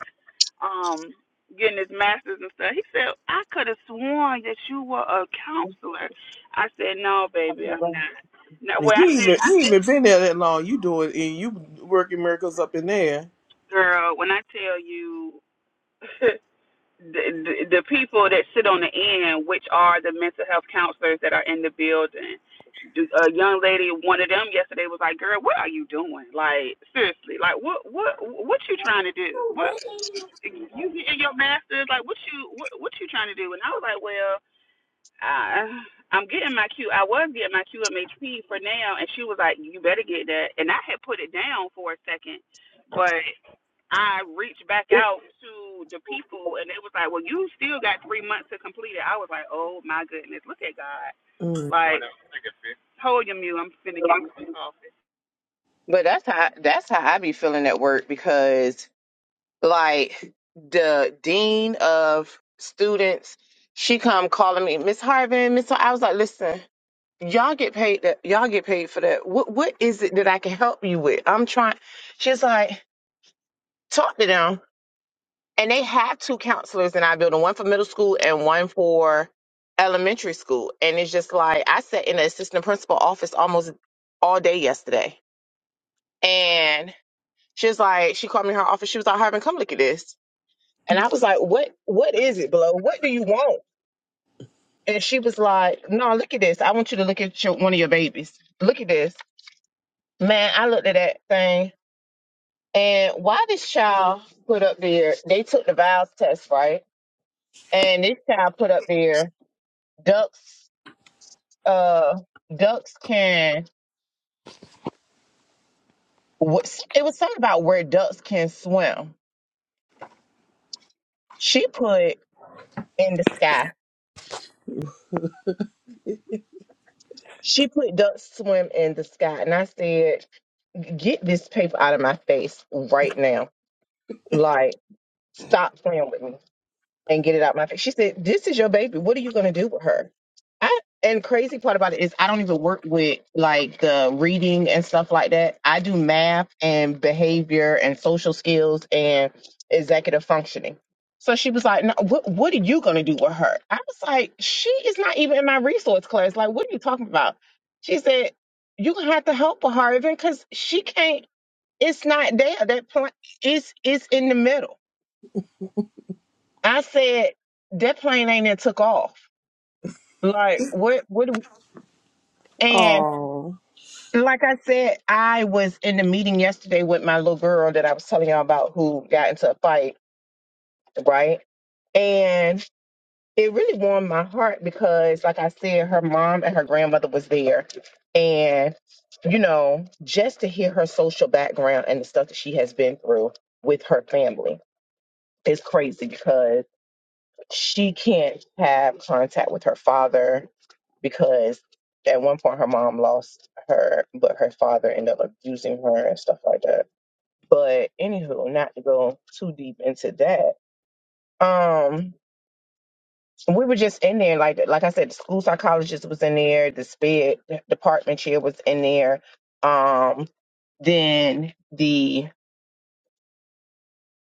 B: Um, getting his masters and stuff. He said, I could have sworn that you were a counselor. I said, No, baby, I'm not. No
A: And
B: well
A: You
B: I
A: ain't,
B: said
A: been,
B: I
A: you ain't
B: said,
A: even been there that long. You do it and you working miracles up in there.
B: girl, when I tell you the, the the people that sit on the end, which are the mental health counselors that are in the building. A young lady, one of them yesterday was like, "Girl, what are you doing? Like seriously, like what what what you trying to do? What you getting your master's? Like what you what what you trying to do?" And I was like, "Well." I, I'm getting my Q. I was getting my QMHP for now, and she was like, "You better get that." And I had put it down for a second, but I reached back out to the people, and they was like, "Well, you still got three months to complete it." I was like, "Oh my goodness, look at God!"
A: Mm.
B: Like, hold your mute. I'm finna get me some coffee.
C: But that's how that's how I be feeling at work because like the dean of students, she come calling me, Miss Harvin, Miss Har-" I was like, listen, y'all get paid that y'all get paid for that. What what is it that I can help you with? I'm trying she's like, talk to them and they have two counselors in our building, one for middle school and one for elementary school. And it's just like I sat in the assistant principal office almost all day yesterday. And she was like, she called me in her office. She was like, Harvin, come look at this. And I was like, what what is it, Blow? What do you want? And she was like, No, look at this. I want you to look at your, one of your babies. Look at this. Man, I looked at that thing. And why this child put up there, they took the vials test, right? And this child put up there ducks uh ducks can wh- it was something about where ducks can swim she put in the sky she put ducks swim in the sky and i said get this paper out of my face right now like stop playing with me and get it out my face. She said, This is your baby. What are you gonna do with her? I and crazy part about it is I don't even work with like the reading and stuff like that. I do math and behavior and social skills and executive functioning. So she was like, no, what what are you gonna do with her? I was like, she is not even in my resource class. Like, what are you talking about? She said, You're gonna have to help with her even because she can't it's not there. That plan is is in the middle. I said that plane ain't it took off. Like what what do- and
A: Oh.
C: like I said, I was in the meeting yesterday with my little girl that I was telling y'all about who got into a fight, right? And it really warmed my heart because like I said, her mom and her grandmother was there. And, you know, just to hear her social background and the stuff that she has been through with her family is crazy because. she can't have contact with her father because at one point her mom lost her, but her father ended up abusing her and stuff like that. But anywho, not to go too deep into that. Um, we were just in there, like like I said, the school psychologist was in there, the SPED department chair was in there. Um, then the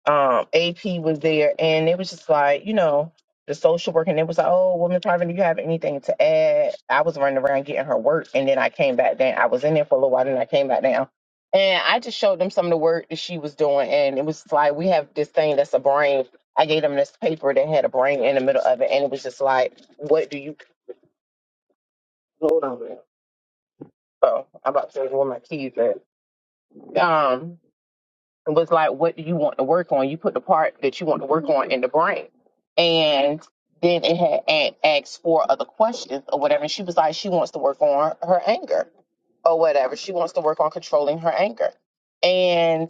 C: um AP was there and it was just like, you know, the social worker and it was like, Oh, woman private, do you have anything to add? I was running around getting her work and then I came back down. I was in there for a little while and I came back down. And I just showed them some of the work that she was doing and it was like we have this thing that's a brain. I gave them this paper that had a brain in the middle of it and it was just like, What do you hold on? a Oh, I'm about to say where my keys at. Um It was like, what do you want to work on? You put the part that you want to work on in the brain. And then it had a- asked four other questions or whatever. And she was like, she wants to work on her anger or whatever. She wants to work on controlling her anger. and.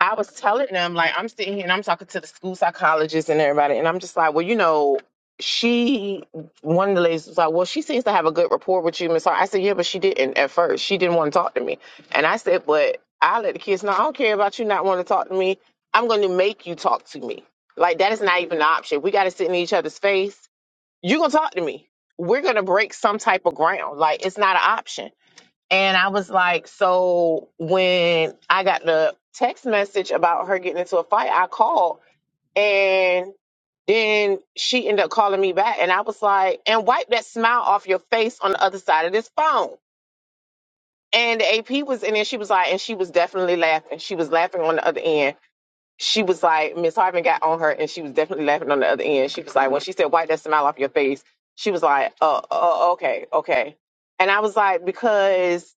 C: I was telling them, like, I'm sitting here and I'm talking to the school psychologist and everybody, and I'm just like, well, you know, she, one of the ladies was like, well, she seems to have a good rapport with you, Miss Hart. I said, yeah, but she didn't at first. She didn't want to talk to me. And I said, but I let the kids know, I don't care about you not wanting to talk to me. I'm going to make you talk to me. Like, that is not even an option. We got to sit in each other's face. You're going to talk to me. We're going to break some type of ground. Like, it's not an option. And I was like, so when I got the text message about her getting into a fight, I called and then she ended up calling me back. And I was like, and wipe that smile off your face on the other side of this phone. And the AP was in there. She was like, and she was definitely laughing. She was laughing on the other end. She was like, Miss Harvin got on her and she was definitely laughing on the other end. She was like, when she said, wipe that smile off your face, she was like, uh, uh okay, okay. And I was like, because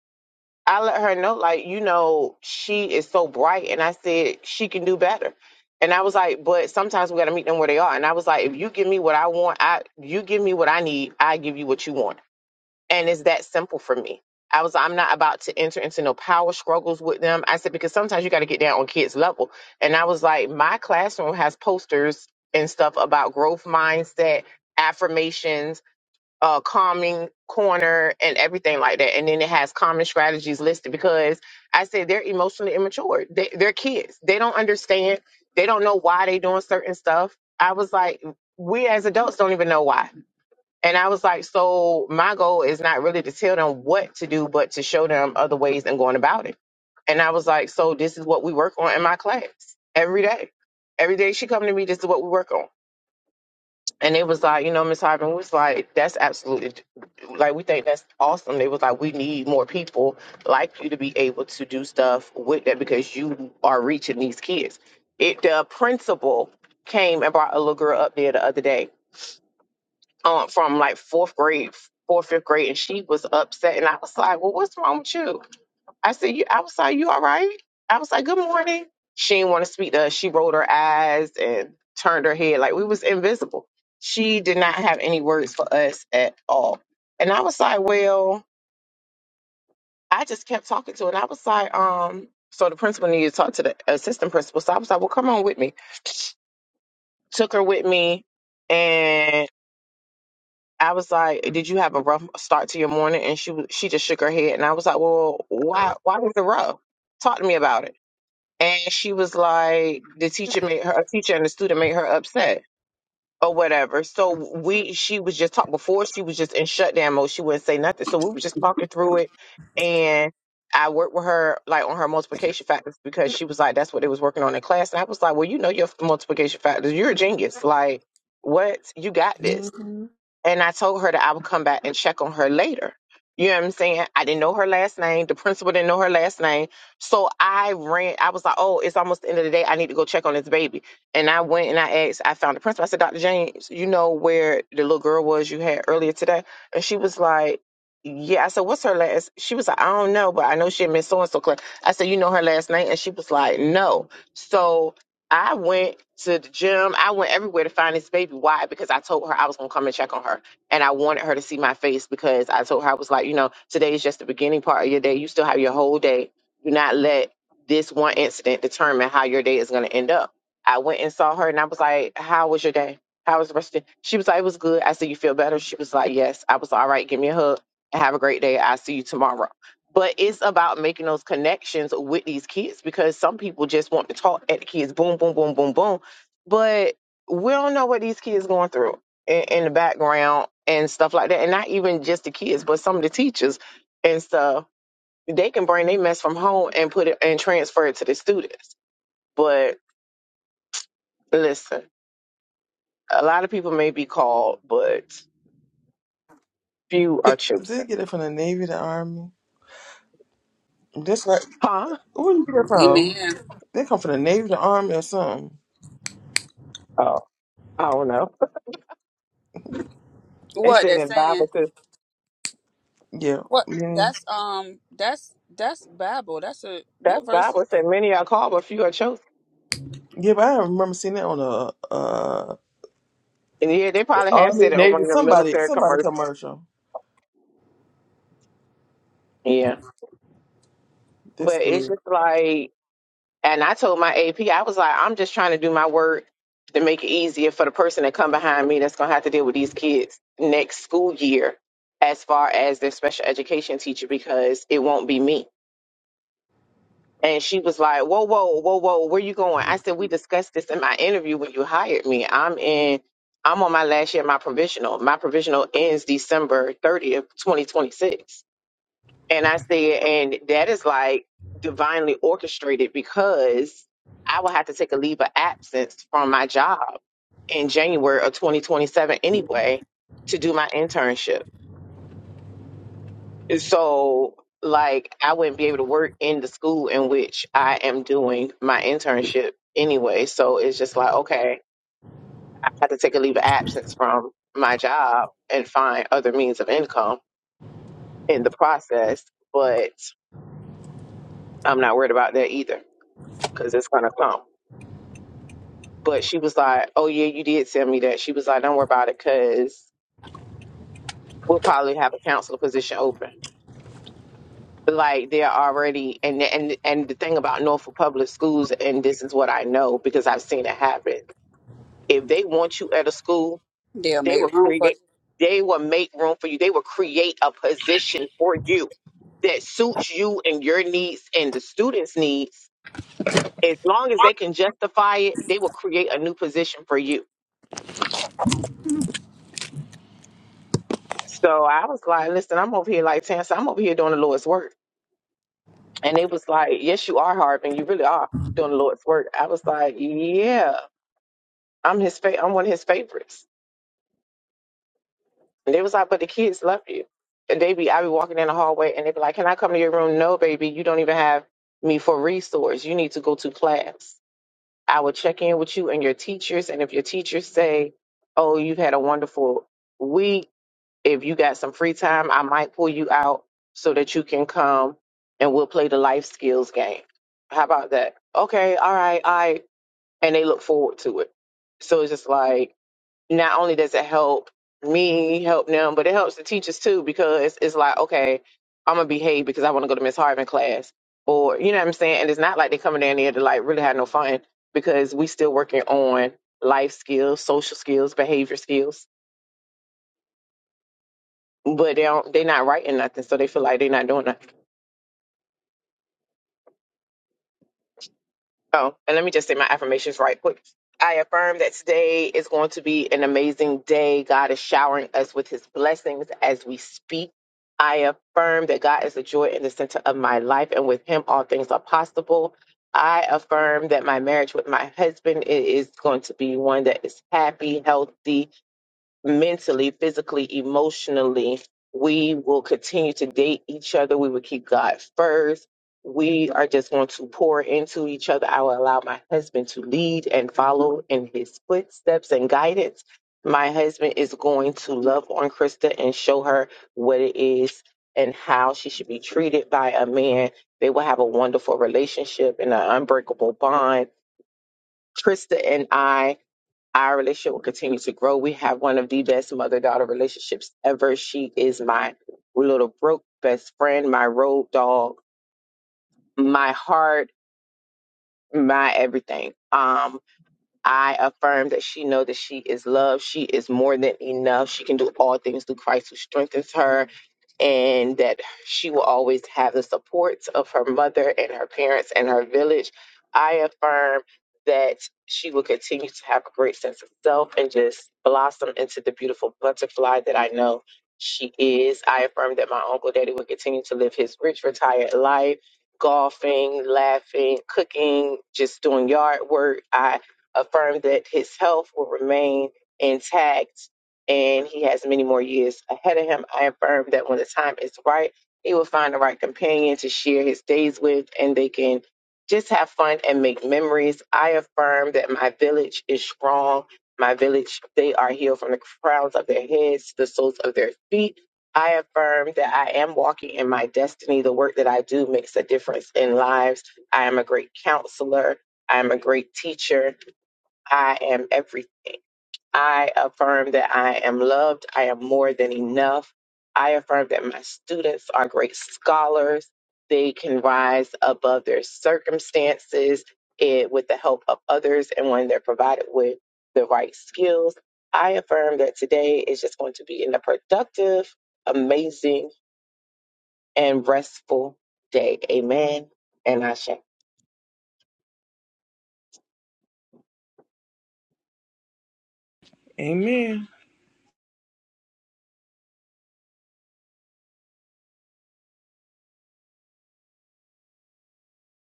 C: I let her know, like, you know, she is so bright. And I said, she can do better. And I was like, but sometimes we got to meet them where they are. And I was like, if you give me what I want, I you give me what I need, I give you what you want. And it's that simple for me. I was I'm not about to enter into no power struggles with them. I said, because sometimes you got to get down on kids' level. And I was like, my classroom has posters and stuff about growth mindset, affirmations, uh, calming corner and everything like that. And then it has common strategies listed because I said they're emotionally immature. They, they're kids. They don't understand. They don't know why they doing certain stuff. I was like, we as adults don't even know why. And I was like, so my goal is not really to tell them what to do, but to show them other ways and going about it. And I was like, so this is what we work on in my class every day. Every day she come to me, this is what we work on and it was like, you know, Miss Hyman was like, that's absolutely, like, we think that's awesome. They was like, we need more people like you to be able to do stuff with that because you are reaching these kids. It The principal came and brought a little girl up there the other day um, from like fourth grade, fourth, fifth grade, and she was upset. And I was like, well, what's wrong with you? I said, you, I was like, you all right? I was like, good morning. She didn't want to speak to us. She rolled her eyes and turned her head like we was invisible. She did not have any words for us at all. And I was like, well, I just kept talking to her. And I was like, um, so the principal needed to talk to the assistant principal. So I was like, well, come on with me. Took her with me. And I was like, did you have a rough start to your morning? And she was- she just shook her head. And I was like, well, why, why was it rough? Talk to me about it. and she was like the teacher made her a teacher and the student made her upset or whatever so we she was just talk before she was just in shutdown mode she wouldn't say nothing so we were just talking through it and i worked with her like on her multiplication factors because she was like that's what they was working on in class and i was like well you know your multiplication factors you're a genius like what you got this and I told her that I would come back and check on her later. You know what I'm saying? I didn't know her last name. The principal didn't know her last name. So I ran, I was like, oh, it's almost the end of the day. I need to go check on this baby. And I went and I asked, I found the principal. I said, Dr. James, you know where the little girl was you had earlier today? And she was like, yeah. I said, what's her last? She was like, I don't know, but I know she had missed so and so class. I said, you know her last name? And she was like, no. So I went to the gym. I went everywhere to find this baby. Why? Because I told her I was gonna come and check on her, and I wanted her to see my face because I told her I was like, you know, today is just the beginning part of your day. You still have your whole day. Do not let this one incident determine how your day is gonna end up. I went and saw her, and I was like, "How was your day? How was the rest of it?" She was like, "It was good." I said, "You feel better?" She was like, "Yes." I was like, all right. Give me a hug. and Have a great day. I'll see you tomorrow but it's about making those connections with these kids because some people just want to talk at the kids boom boom boom boom boom but we don't know what these kids going through in, in the background and stuff like that and not even just the kids but some of the teachers and stuff they can bring their mess from home and put it and transfer it to the students but listen a lot of people may be called but few are
A: They
C: chosen
A: get it from the Navy, the Army. That's right.
C: huh
A: Where you get it from?
B: Amen.
A: They come from the Navy, the Army, or something.
C: oh i don't know they
B: What
C: said
B: they're
C: in
B: saying?
C: bible says
A: Yeah.
B: What
A: Yeah,
B: that's um that's that's Bible. That's a what
C: that's
B: verses?
C: bible said many are called but few are chosen
A: yeah but I remember seeing that on a uh,
C: Yeah, they probably have
A: Army,
C: said it on one
A: Navy,
C: of the
A: somebody,
C: military
A: somebody
C: commercials.
A: commercial.
C: Yeah.
A: That's
C: But it's
A: good.
C: just like, and I told my AP, I was like, I'm just trying to do my work to make it easier for the person that come behind me that's going to have to deal with these kids next school year as far as their special education teacher because it won't be me. And she was like, whoa, whoa, whoa, whoa, where you going? I said, we discussed this in my interview when you hired me. I'm in, I'm on my last year, of my provisional. My provisional ends December 30th, 2026 And I said, and that is like divinely orchestrated because I will have to take a leave of absence from my job in January of 2027 anyway to do my internship. So, like, I wouldn't be able to work in the school in which I am doing my internship anyway. So it's just like, okay, I have to take a leave of absence from my job and find other means of income in the process. But I'm not worried about that either. because it's gonna come. But she was like, "Oh yeah, you did tell me that." She was like, "Don't worry about it, because we'll probably have a counselor position open." Like they're already, and and and the thing about Norfolk Public Schools, and this is what I know because I've seen it happen. If they want you at a school,
B: They'll
C: they will
B: make room for.
C: create, they will make room for you. They will create a position for you that suits you and your needs and the students' needs. As long as they can justify it, they will create a new position for you So I was like, listen, I'm over here like Tansa, I'm over here doing the Lord's work. And it was like, yes, you are Harbin. You really are doing the Lord's work. I was like, yeah, I'm his fa- I'm one of his favorites. And they was like, but the kids love you. And they be, I be walking in the hallway and they be like, can I come to your room? No, baby, you don't even have me for resource. You need to go to class. I will check in with you and your teachers. And if your teachers say, oh, you've had a wonderful week, if you got some free time, I might pull you out so that you can come and we'll play the life skills game. How about that? Okay, all right, all right. And they look forward to it. So it's just like, not only does it help me help them, but it helps the teachers too because it's like, okay, I'm going to behave because I want to go to Miss Harvin class. Or, you know what I'm saying? And it's not like they coming down there to like really have no fun because we still working on life skills, social skills, behavior skills but they don't they're not writing nothing, so they feel like they're not doing nothing. Oh, and let me just say my affirmations right quick. I affirm that today is going to be an amazing day. God is showering us with his blessings as we speak. I affirm that God is the joy in the center of my life, and with him all things are possible. I affirm that my marriage with my husband i- is going to be one that is happy, healthy, mentally, physically, emotionally. We will continue to date each other. We will keep God first. We are just going to pour into each other. I will allow my husband to lead and follow in his footsteps and guidance. My husband is going to love on Krista and show her what it is and how she should be treated by a man. They will have a wonderful relationship and an unbreakable bond. Krista and I our relationship will continue to grow. We have one of the best mother daughter relationships ever. She is my little broke best friend, my road dog, my heart, my everything. Um, I affirm that she know that she is loved. She is more than enough. She can do all things through Christ who strengthens her, and that she will always have the supports of her mother and her parents and her village. I affirm that she will continue to have a great sense of self and just blossom into the beautiful butterfly that I know she is. I affirm that my uncle daddy will continue to live his rich, retired life golfing, laughing, cooking, just doing yard work. I affirmed that his health will remain intact and he has many more years ahead of him. I affirm that when the time is right, he will find the right companion to share his days with and they can just have fun and make memories. I affirm that my village is strong. My village, they are healed from the crowns of their heads to the soles of their feet. I affirm that I am walking in my destiny. The work that I do makes a difference in lives. I am a great counselor. I am a great teacher. I am everything. I affirm that I am loved. I am more than enough. I affirm that my students are great scholars. They can rise above their circumstances eh, with the help of others and when they're provided with the right skills. I affirm that today is just going to be a productive, amazing, and restful day. Amen. And I
A: Amen.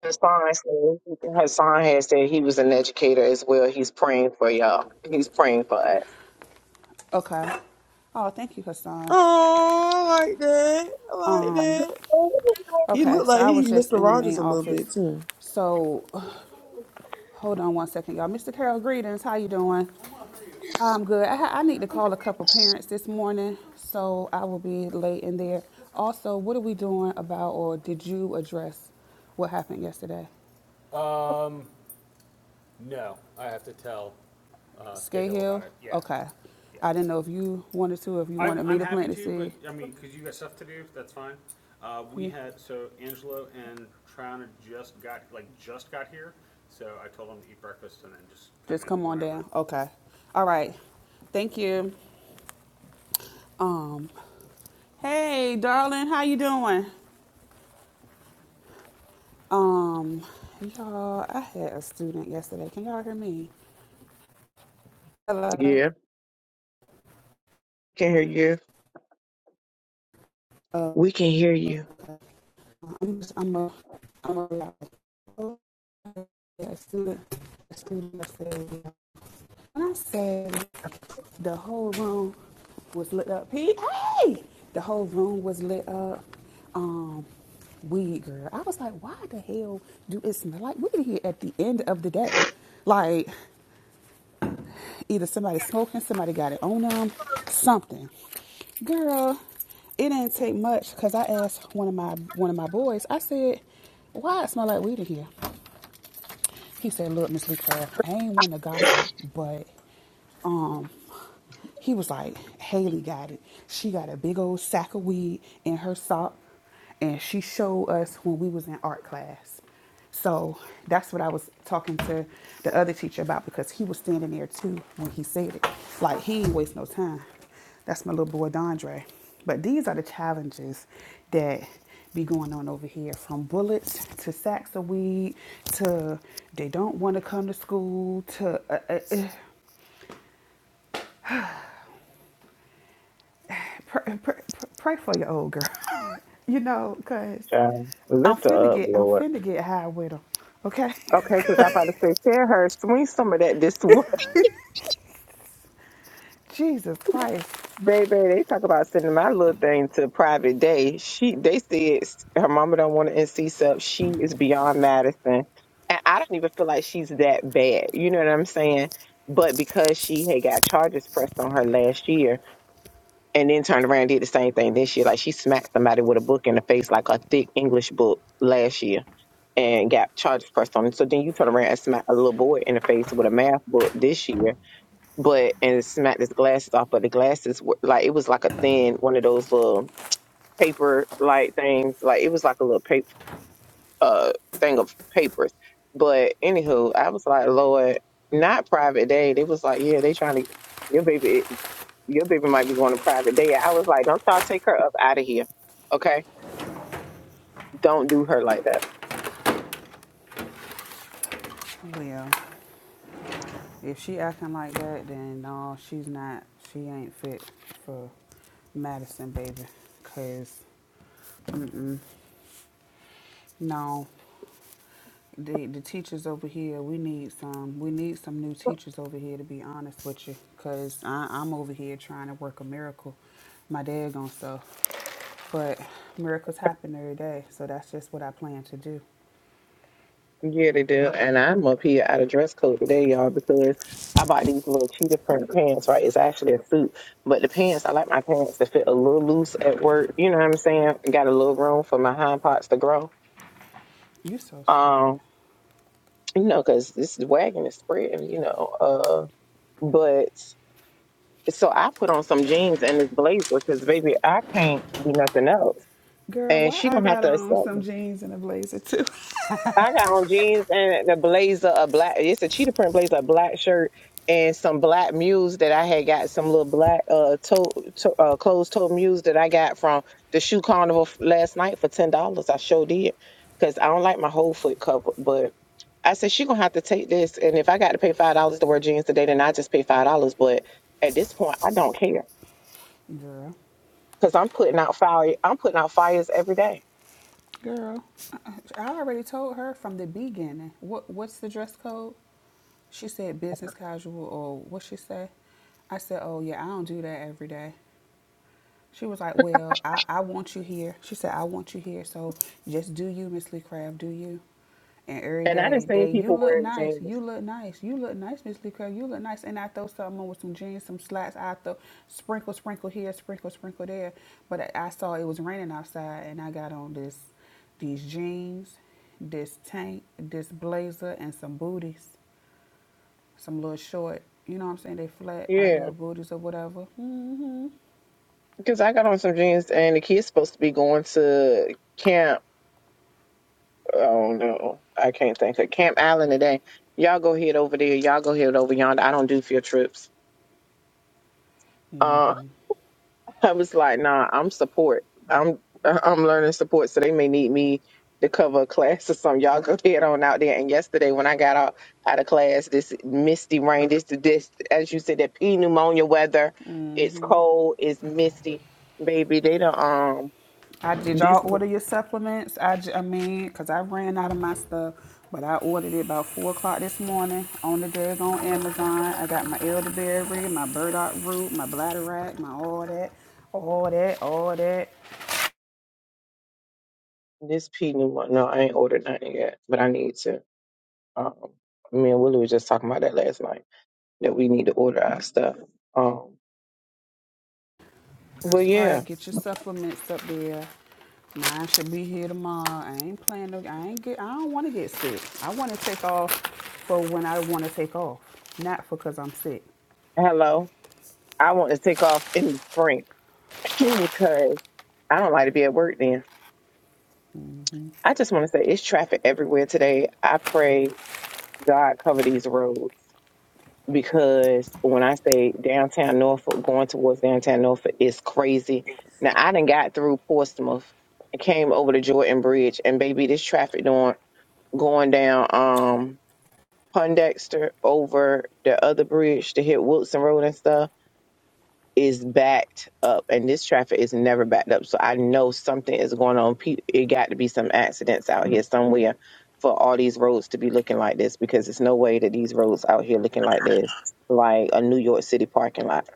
C: Hassan said, Hassan has said he was an educator as well. He's praying for y'all. He's praying for us.
B: Okay. Oh, thank you, Hassan.
A: Oh, I like that. I like
B: Um,
A: that. He
B: okay,
A: looked
B: so
A: like
B: I
A: he
B: was just
A: Mr.
B: in the main
A: Rogers a little
B: office.
A: bit too.
B: So hold on one second, y'all. Mr. Carroll, greetings. How you doing? I'm good. I, ha- I need to call a couple parents this morning, so I will be late in there. Also, what are we doing about, or did you address what happened yesterday? Skate Hill? Yeah. Okay. Yeah. I didn't know if you wanted to, if you wanted I'm, me to plant the the seed. yeah. Just come on down. Okay. All right. Thank you. Um, hey, darling, how you doing? Um, y'all, I had a student yesterday. Can y'all hear me?
C: Yeah, can hear you. We can hear you.
B: I'm just, I'm a, I'm a, I had a student, a student yesterday. When I said the whole room was lit up, Pete, hey, the whole room was lit up. Um, weed girl. I was like, why the hell do it smell like weed here at the end of the day? Like, either somebody smoking, somebody got it on them, something. Girl, it didn't take much because I asked one of my one of my boys. I said, "Why it smell like weed in here?" He said, Look, Miss Lee Craft, I ain't one to gossip, but um he was like, Haley got it. She got a big old sack of weed in her sock and she showed us when we was in art class. So that's what I was talking to the other teacher about because he was standing there too when he said it. Like he ain't waste no time. That's my little boy Dondre. But these are the challenges that be going on over here from bullets to sacks of weed to they don't want to come to school to uh, uh, uh, pr- pr- pray for your old girl. you know, because
C: Child,
B: I'm
C: lift
B: finna
C: her up,
B: get I'm
C: Lord.
B: finna get high with her. Okay?
C: Okay, because I'm about to say, tell her, swing some of that this way.
B: Jesus Christ.
C: Baby, they talk about sending my little thing to private day. She, they said her mama don't want to NC sub. She is beyond Madison, and I don't even feel like she's that bad. You know what I'm saying? But because she had got charges pressed on her last year, and then turned around and did the same thing this year, like she smacked somebody with a book in the face, like a thick English book last year, and got charges pressed on. Him. So then you turn around and smack a little boy in the face with a math book this year but and smacked his glasses off. But the glasses were like it was like a thin one of those little paper like things. Like it was like a little paper uh thing of papers. But anywho, I was like, Lord, not private day. They was like, yeah, they trying to your baby, your baby might be going to private day. I was like, don't y'all take her up out of here, okay? Don't do her like that.
B: Well, if she acting like that, then no, she's not. She ain't fit for Madison, baby. Cause no. The the teachers over here, we need some we need some new teachers over here to be honest with you, cause I, am over here trying to work a miracle, my daggone stuff. But miracles happen every day, so that's just what I plan to do.
C: Yeah, they do. And I'm up here out of dress code today, y'all, because I bought these little cheetah print pants, right? It's actually a suit. But the pants, I like my pants to fit a little loose at work. You know what I'm saying? Got a little room for my hind parts to grow.
B: You so stupid,
C: Um, you know, because this wagon is spreading, you know. Uh, but So I put on some jeans and this blazer because baby, I can't do nothing else,
B: girl.
C: and
B: Why
C: she
B: I
C: gonna have
B: got
C: to
B: on
C: accept
B: some
C: me.
B: jeans and a blazer too,
C: I got on jeans and the blazer, a black. It's a cheetah print blazer, a black shirt, and some black mules that I had got some little black uh toe, to, uh closed toe mules that I got from the shoe carnival f- last night for ten dollars. I sure did because I don't like my whole foot covered, but. I said she gonna have to take this, and if I got to pay five dollars to wear jeans today, then I just pay five dollars. But at this point, I don't care.
B: girl.
C: because I'm putting out fire. I'm putting out fires every day.
B: Girl, I I already told her from the beginning. What what's the dress code? She said business casual or what she say? I said, oh yeah, I don't do that every day. She was like, Well, I, I want you here. She said, I want you here. So just do you, Miss Lee Crab, do you. And every
C: And I done
B: day,
C: seen
B: they, you
C: people
B: look
C: wearing
B: nice. You
C: jeans.
B: look nice. You look nice, Miss Lee Crab. You look nice. And I throw something on with some jeans, some slacks. I throw sprinkle, sprinkle here, sprinkle, sprinkle there. But I, I saw it was raining outside and I got on this, these jeans, this tank, this blazer, and some booties, some little short. You know what I'm saying? They flat, like
C: Yeah,
B: little booties or whatever.
C: because I got on some jeans and the kid's supposed to be going to camp. Oh no, I can't think of Camp Island today. Y'all go head over there. Y'all go head over yonder. I don't do field trips. Uh, I was like, nah, I'm support. I'm I'm learning support, so they may need me to cover a class or something. Y'all go head on out there. And yesterday when I got out out of class, this misty rain, this this as you said, that P pneumonia weather. It's cold, it's misty. Baby, they don't um
B: I did y'all
C: this
B: order your supplements? I, j- I mean, cause I ran out of my stuff, but I ordered it about four o'clock this morning on the desk on Amazon. I got my elderberry, my burdock root, my bladderwrack, my all that, all that, all that.
C: this P pneumonia. No, I ain't ordered nothing yet, but I need to. Um, me and Willie was just talking about that last night that we need to order our stuff. Um, but
B: That's
C: yeah.
B: right. Get your supplements up there. Mine should be here tomorrow. I ain't planning. To, I ain't get. I don't want to get sick. I want to take off for when I want to take off, not because I'm sick.
C: Hello. I want to take off in the spring because I don't like to be at work then. I just want to say it's traffic everywhere today. I pray God cover these roads because when I say downtown Norfolk, going towards downtown Norfolk is crazy. Now I done got through Portsmouth and came over to Jordan Bridge and baby this traffic doing going down um Pondexter over the other bridge to hit Wilson Road and stuff is backed up and this traffic is never backed up. So I know something is going on. Pe- It got to be some accidents out here somewhere for all these roads to be looking like this because there's no way that these roads out here looking like this, like a New York City parking lot.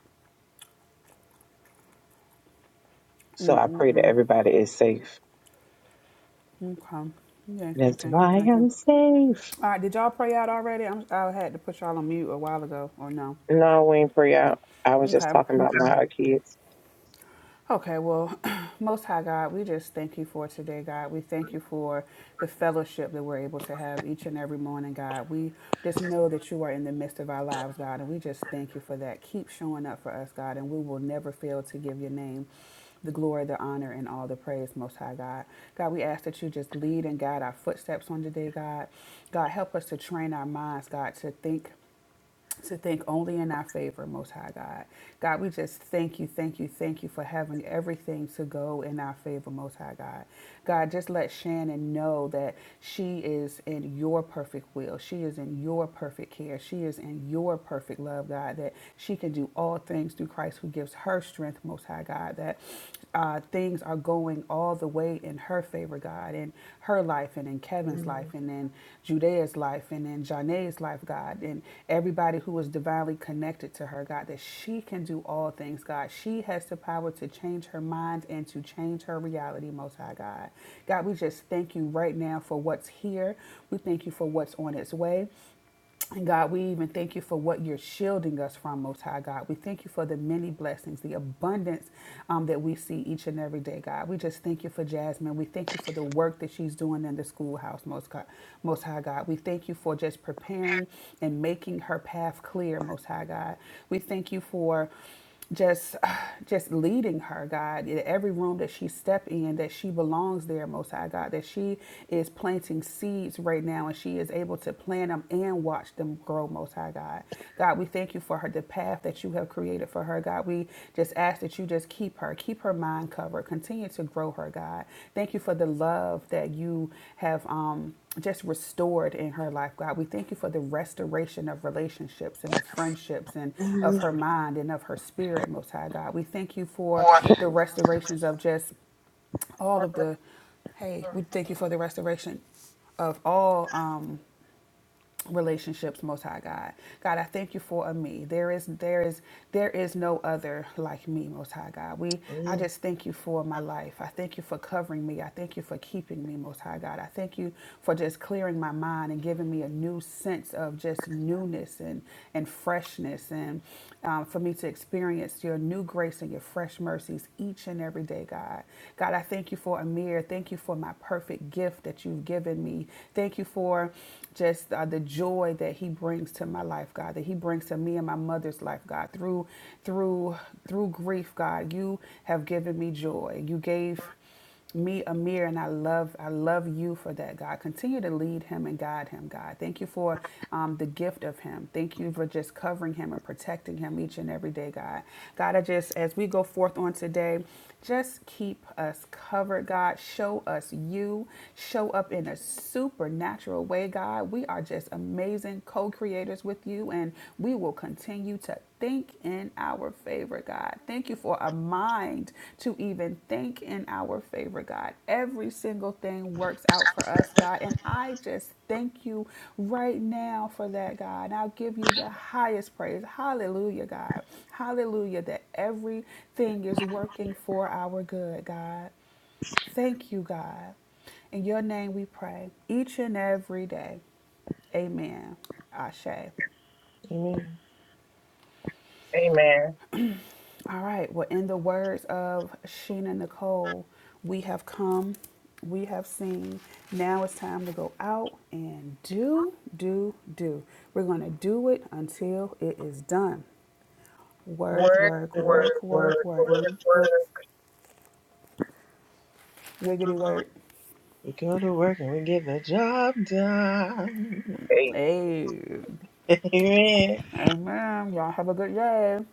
C: So I pray that everybody is safe.
B: Okay. Thank you.
C: That's
B: Thank you.
C: why
B: Thank you.
C: I'm safe.
B: All right, did y'all pray out already? I'm, I had to put y'all on mute a while ago, or no?
C: No, we ain't pray out. I was just
B: Okay.
C: talking about
A: Mm-mm.
C: my kids.
B: Okay, well, Most High God, we just thank you for today, God. We thank you for the fellowship that we're able to have each and every morning, God. We just know that you are in the midst of our lives, God, and we just thank you for that. Keep showing up for us, God, and we will never fail to give your name the glory, the honor, and all the praise, Most High God. God, we ask that you just lead and guide our footsteps on today, God. God, help us to train our minds, God, to think to think only in our favor, Most High God. God, we just thank you, thank you, thank you for having everything to go in our favor, Most High God. God, just let Shannon know that she is in your perfect will. She is in your perfect care. She is in your perfect love, God, that she can do all things through Christ who gives her strength, Most High God, that uh, things are going going all the way in her favor, God, in her life and in Kevin's life
A: Amen.
B: and in Judea's life and in Janae's life, God, and everybody who is divinely connected to her, God, that she can do all things, God. She has the power to change her mind and to change her reality, Most High God. God, we just thank you right now for what's here. We thank you for what's on its way. And God, we even thank you for what you're shielding us from, Most High God. We thank you for the many blessings, the abundance um, that we see each and every day, God. We just thank you for Jasmine. We thank you for the work that she's doing in the schoolhouse, Most, God, Most High God. We thank you for just preparing and making her path clear, Most High God. We thank you for just just leading her god in every room that she step in that she belongs there most high god that she is planting seeds right now and she is able to plant them and watch them grow most high god god we thank you for her the path that you have created for her god we just ask that you just keep her. Keep her mind covered. Continue to grow her, God. Thank you for the love that you have um, just restored in her life, God. We thank you for the restoration of relationships and of friendships and of her mind and of her spirit, Most High God. We thank you for the restorations of just all of the, hey, we thank you for the restoration of all. Um, relationships most high god god i thank you for a me there is there is there is no other like me most high god we i
A: Amen.
B: just thank you for my life i thank you for covering me i thank you for keeping me most high god i thank you for just clearing my mind and giving me a new sense of just newness and and freshness and um, for me to experience your new grace and your fresh mercies each and every day god god i thank you for a mirror thank you for my perfect gift that you've given me thank you for just uh, the joy that he brings to my life god that he brings to me and my mother's life god through through through grief god you have given me joy you gave me Amir and I love I love you for that God continue to lead him and guide him God thank you for um, the gift of him thank you for just covering him and protecting him each and every day God God I just as we go forth on today just keep us covered God show us you show up in a supernatural way, God. We are just amazing co creators with you, and we will continue to think in our favor, God. Thank you for a mind to even think in our favor, God. Every single thing works out for us, God. And I just thank you right now for that, God. And I'll give you the highest praise. Hallelujah, God. Hallelujah, that everything is working for our good, God. Thank you, God. In your name we pray each and every day. Amen. Ashe.
A: Amen.
C: Amen.
B: All right. Well, in the words of Sheena Nicole, we have come, we have seen. Now it's time to go out and do, do, do. We're going to do it until it is done.
A: Amen.
B: Work,
C: Word,
B: work,
A: Word,
C: word,
B: work,
A: word,
B: work,
C: word,
B: work.
A: word,
C: word,
B: Wiggity
A: word.
B: work.
A: We go to work and we get the job done.
C: word.
B: Hey.
A: Amen.
B: Amen. Y'all have a good day.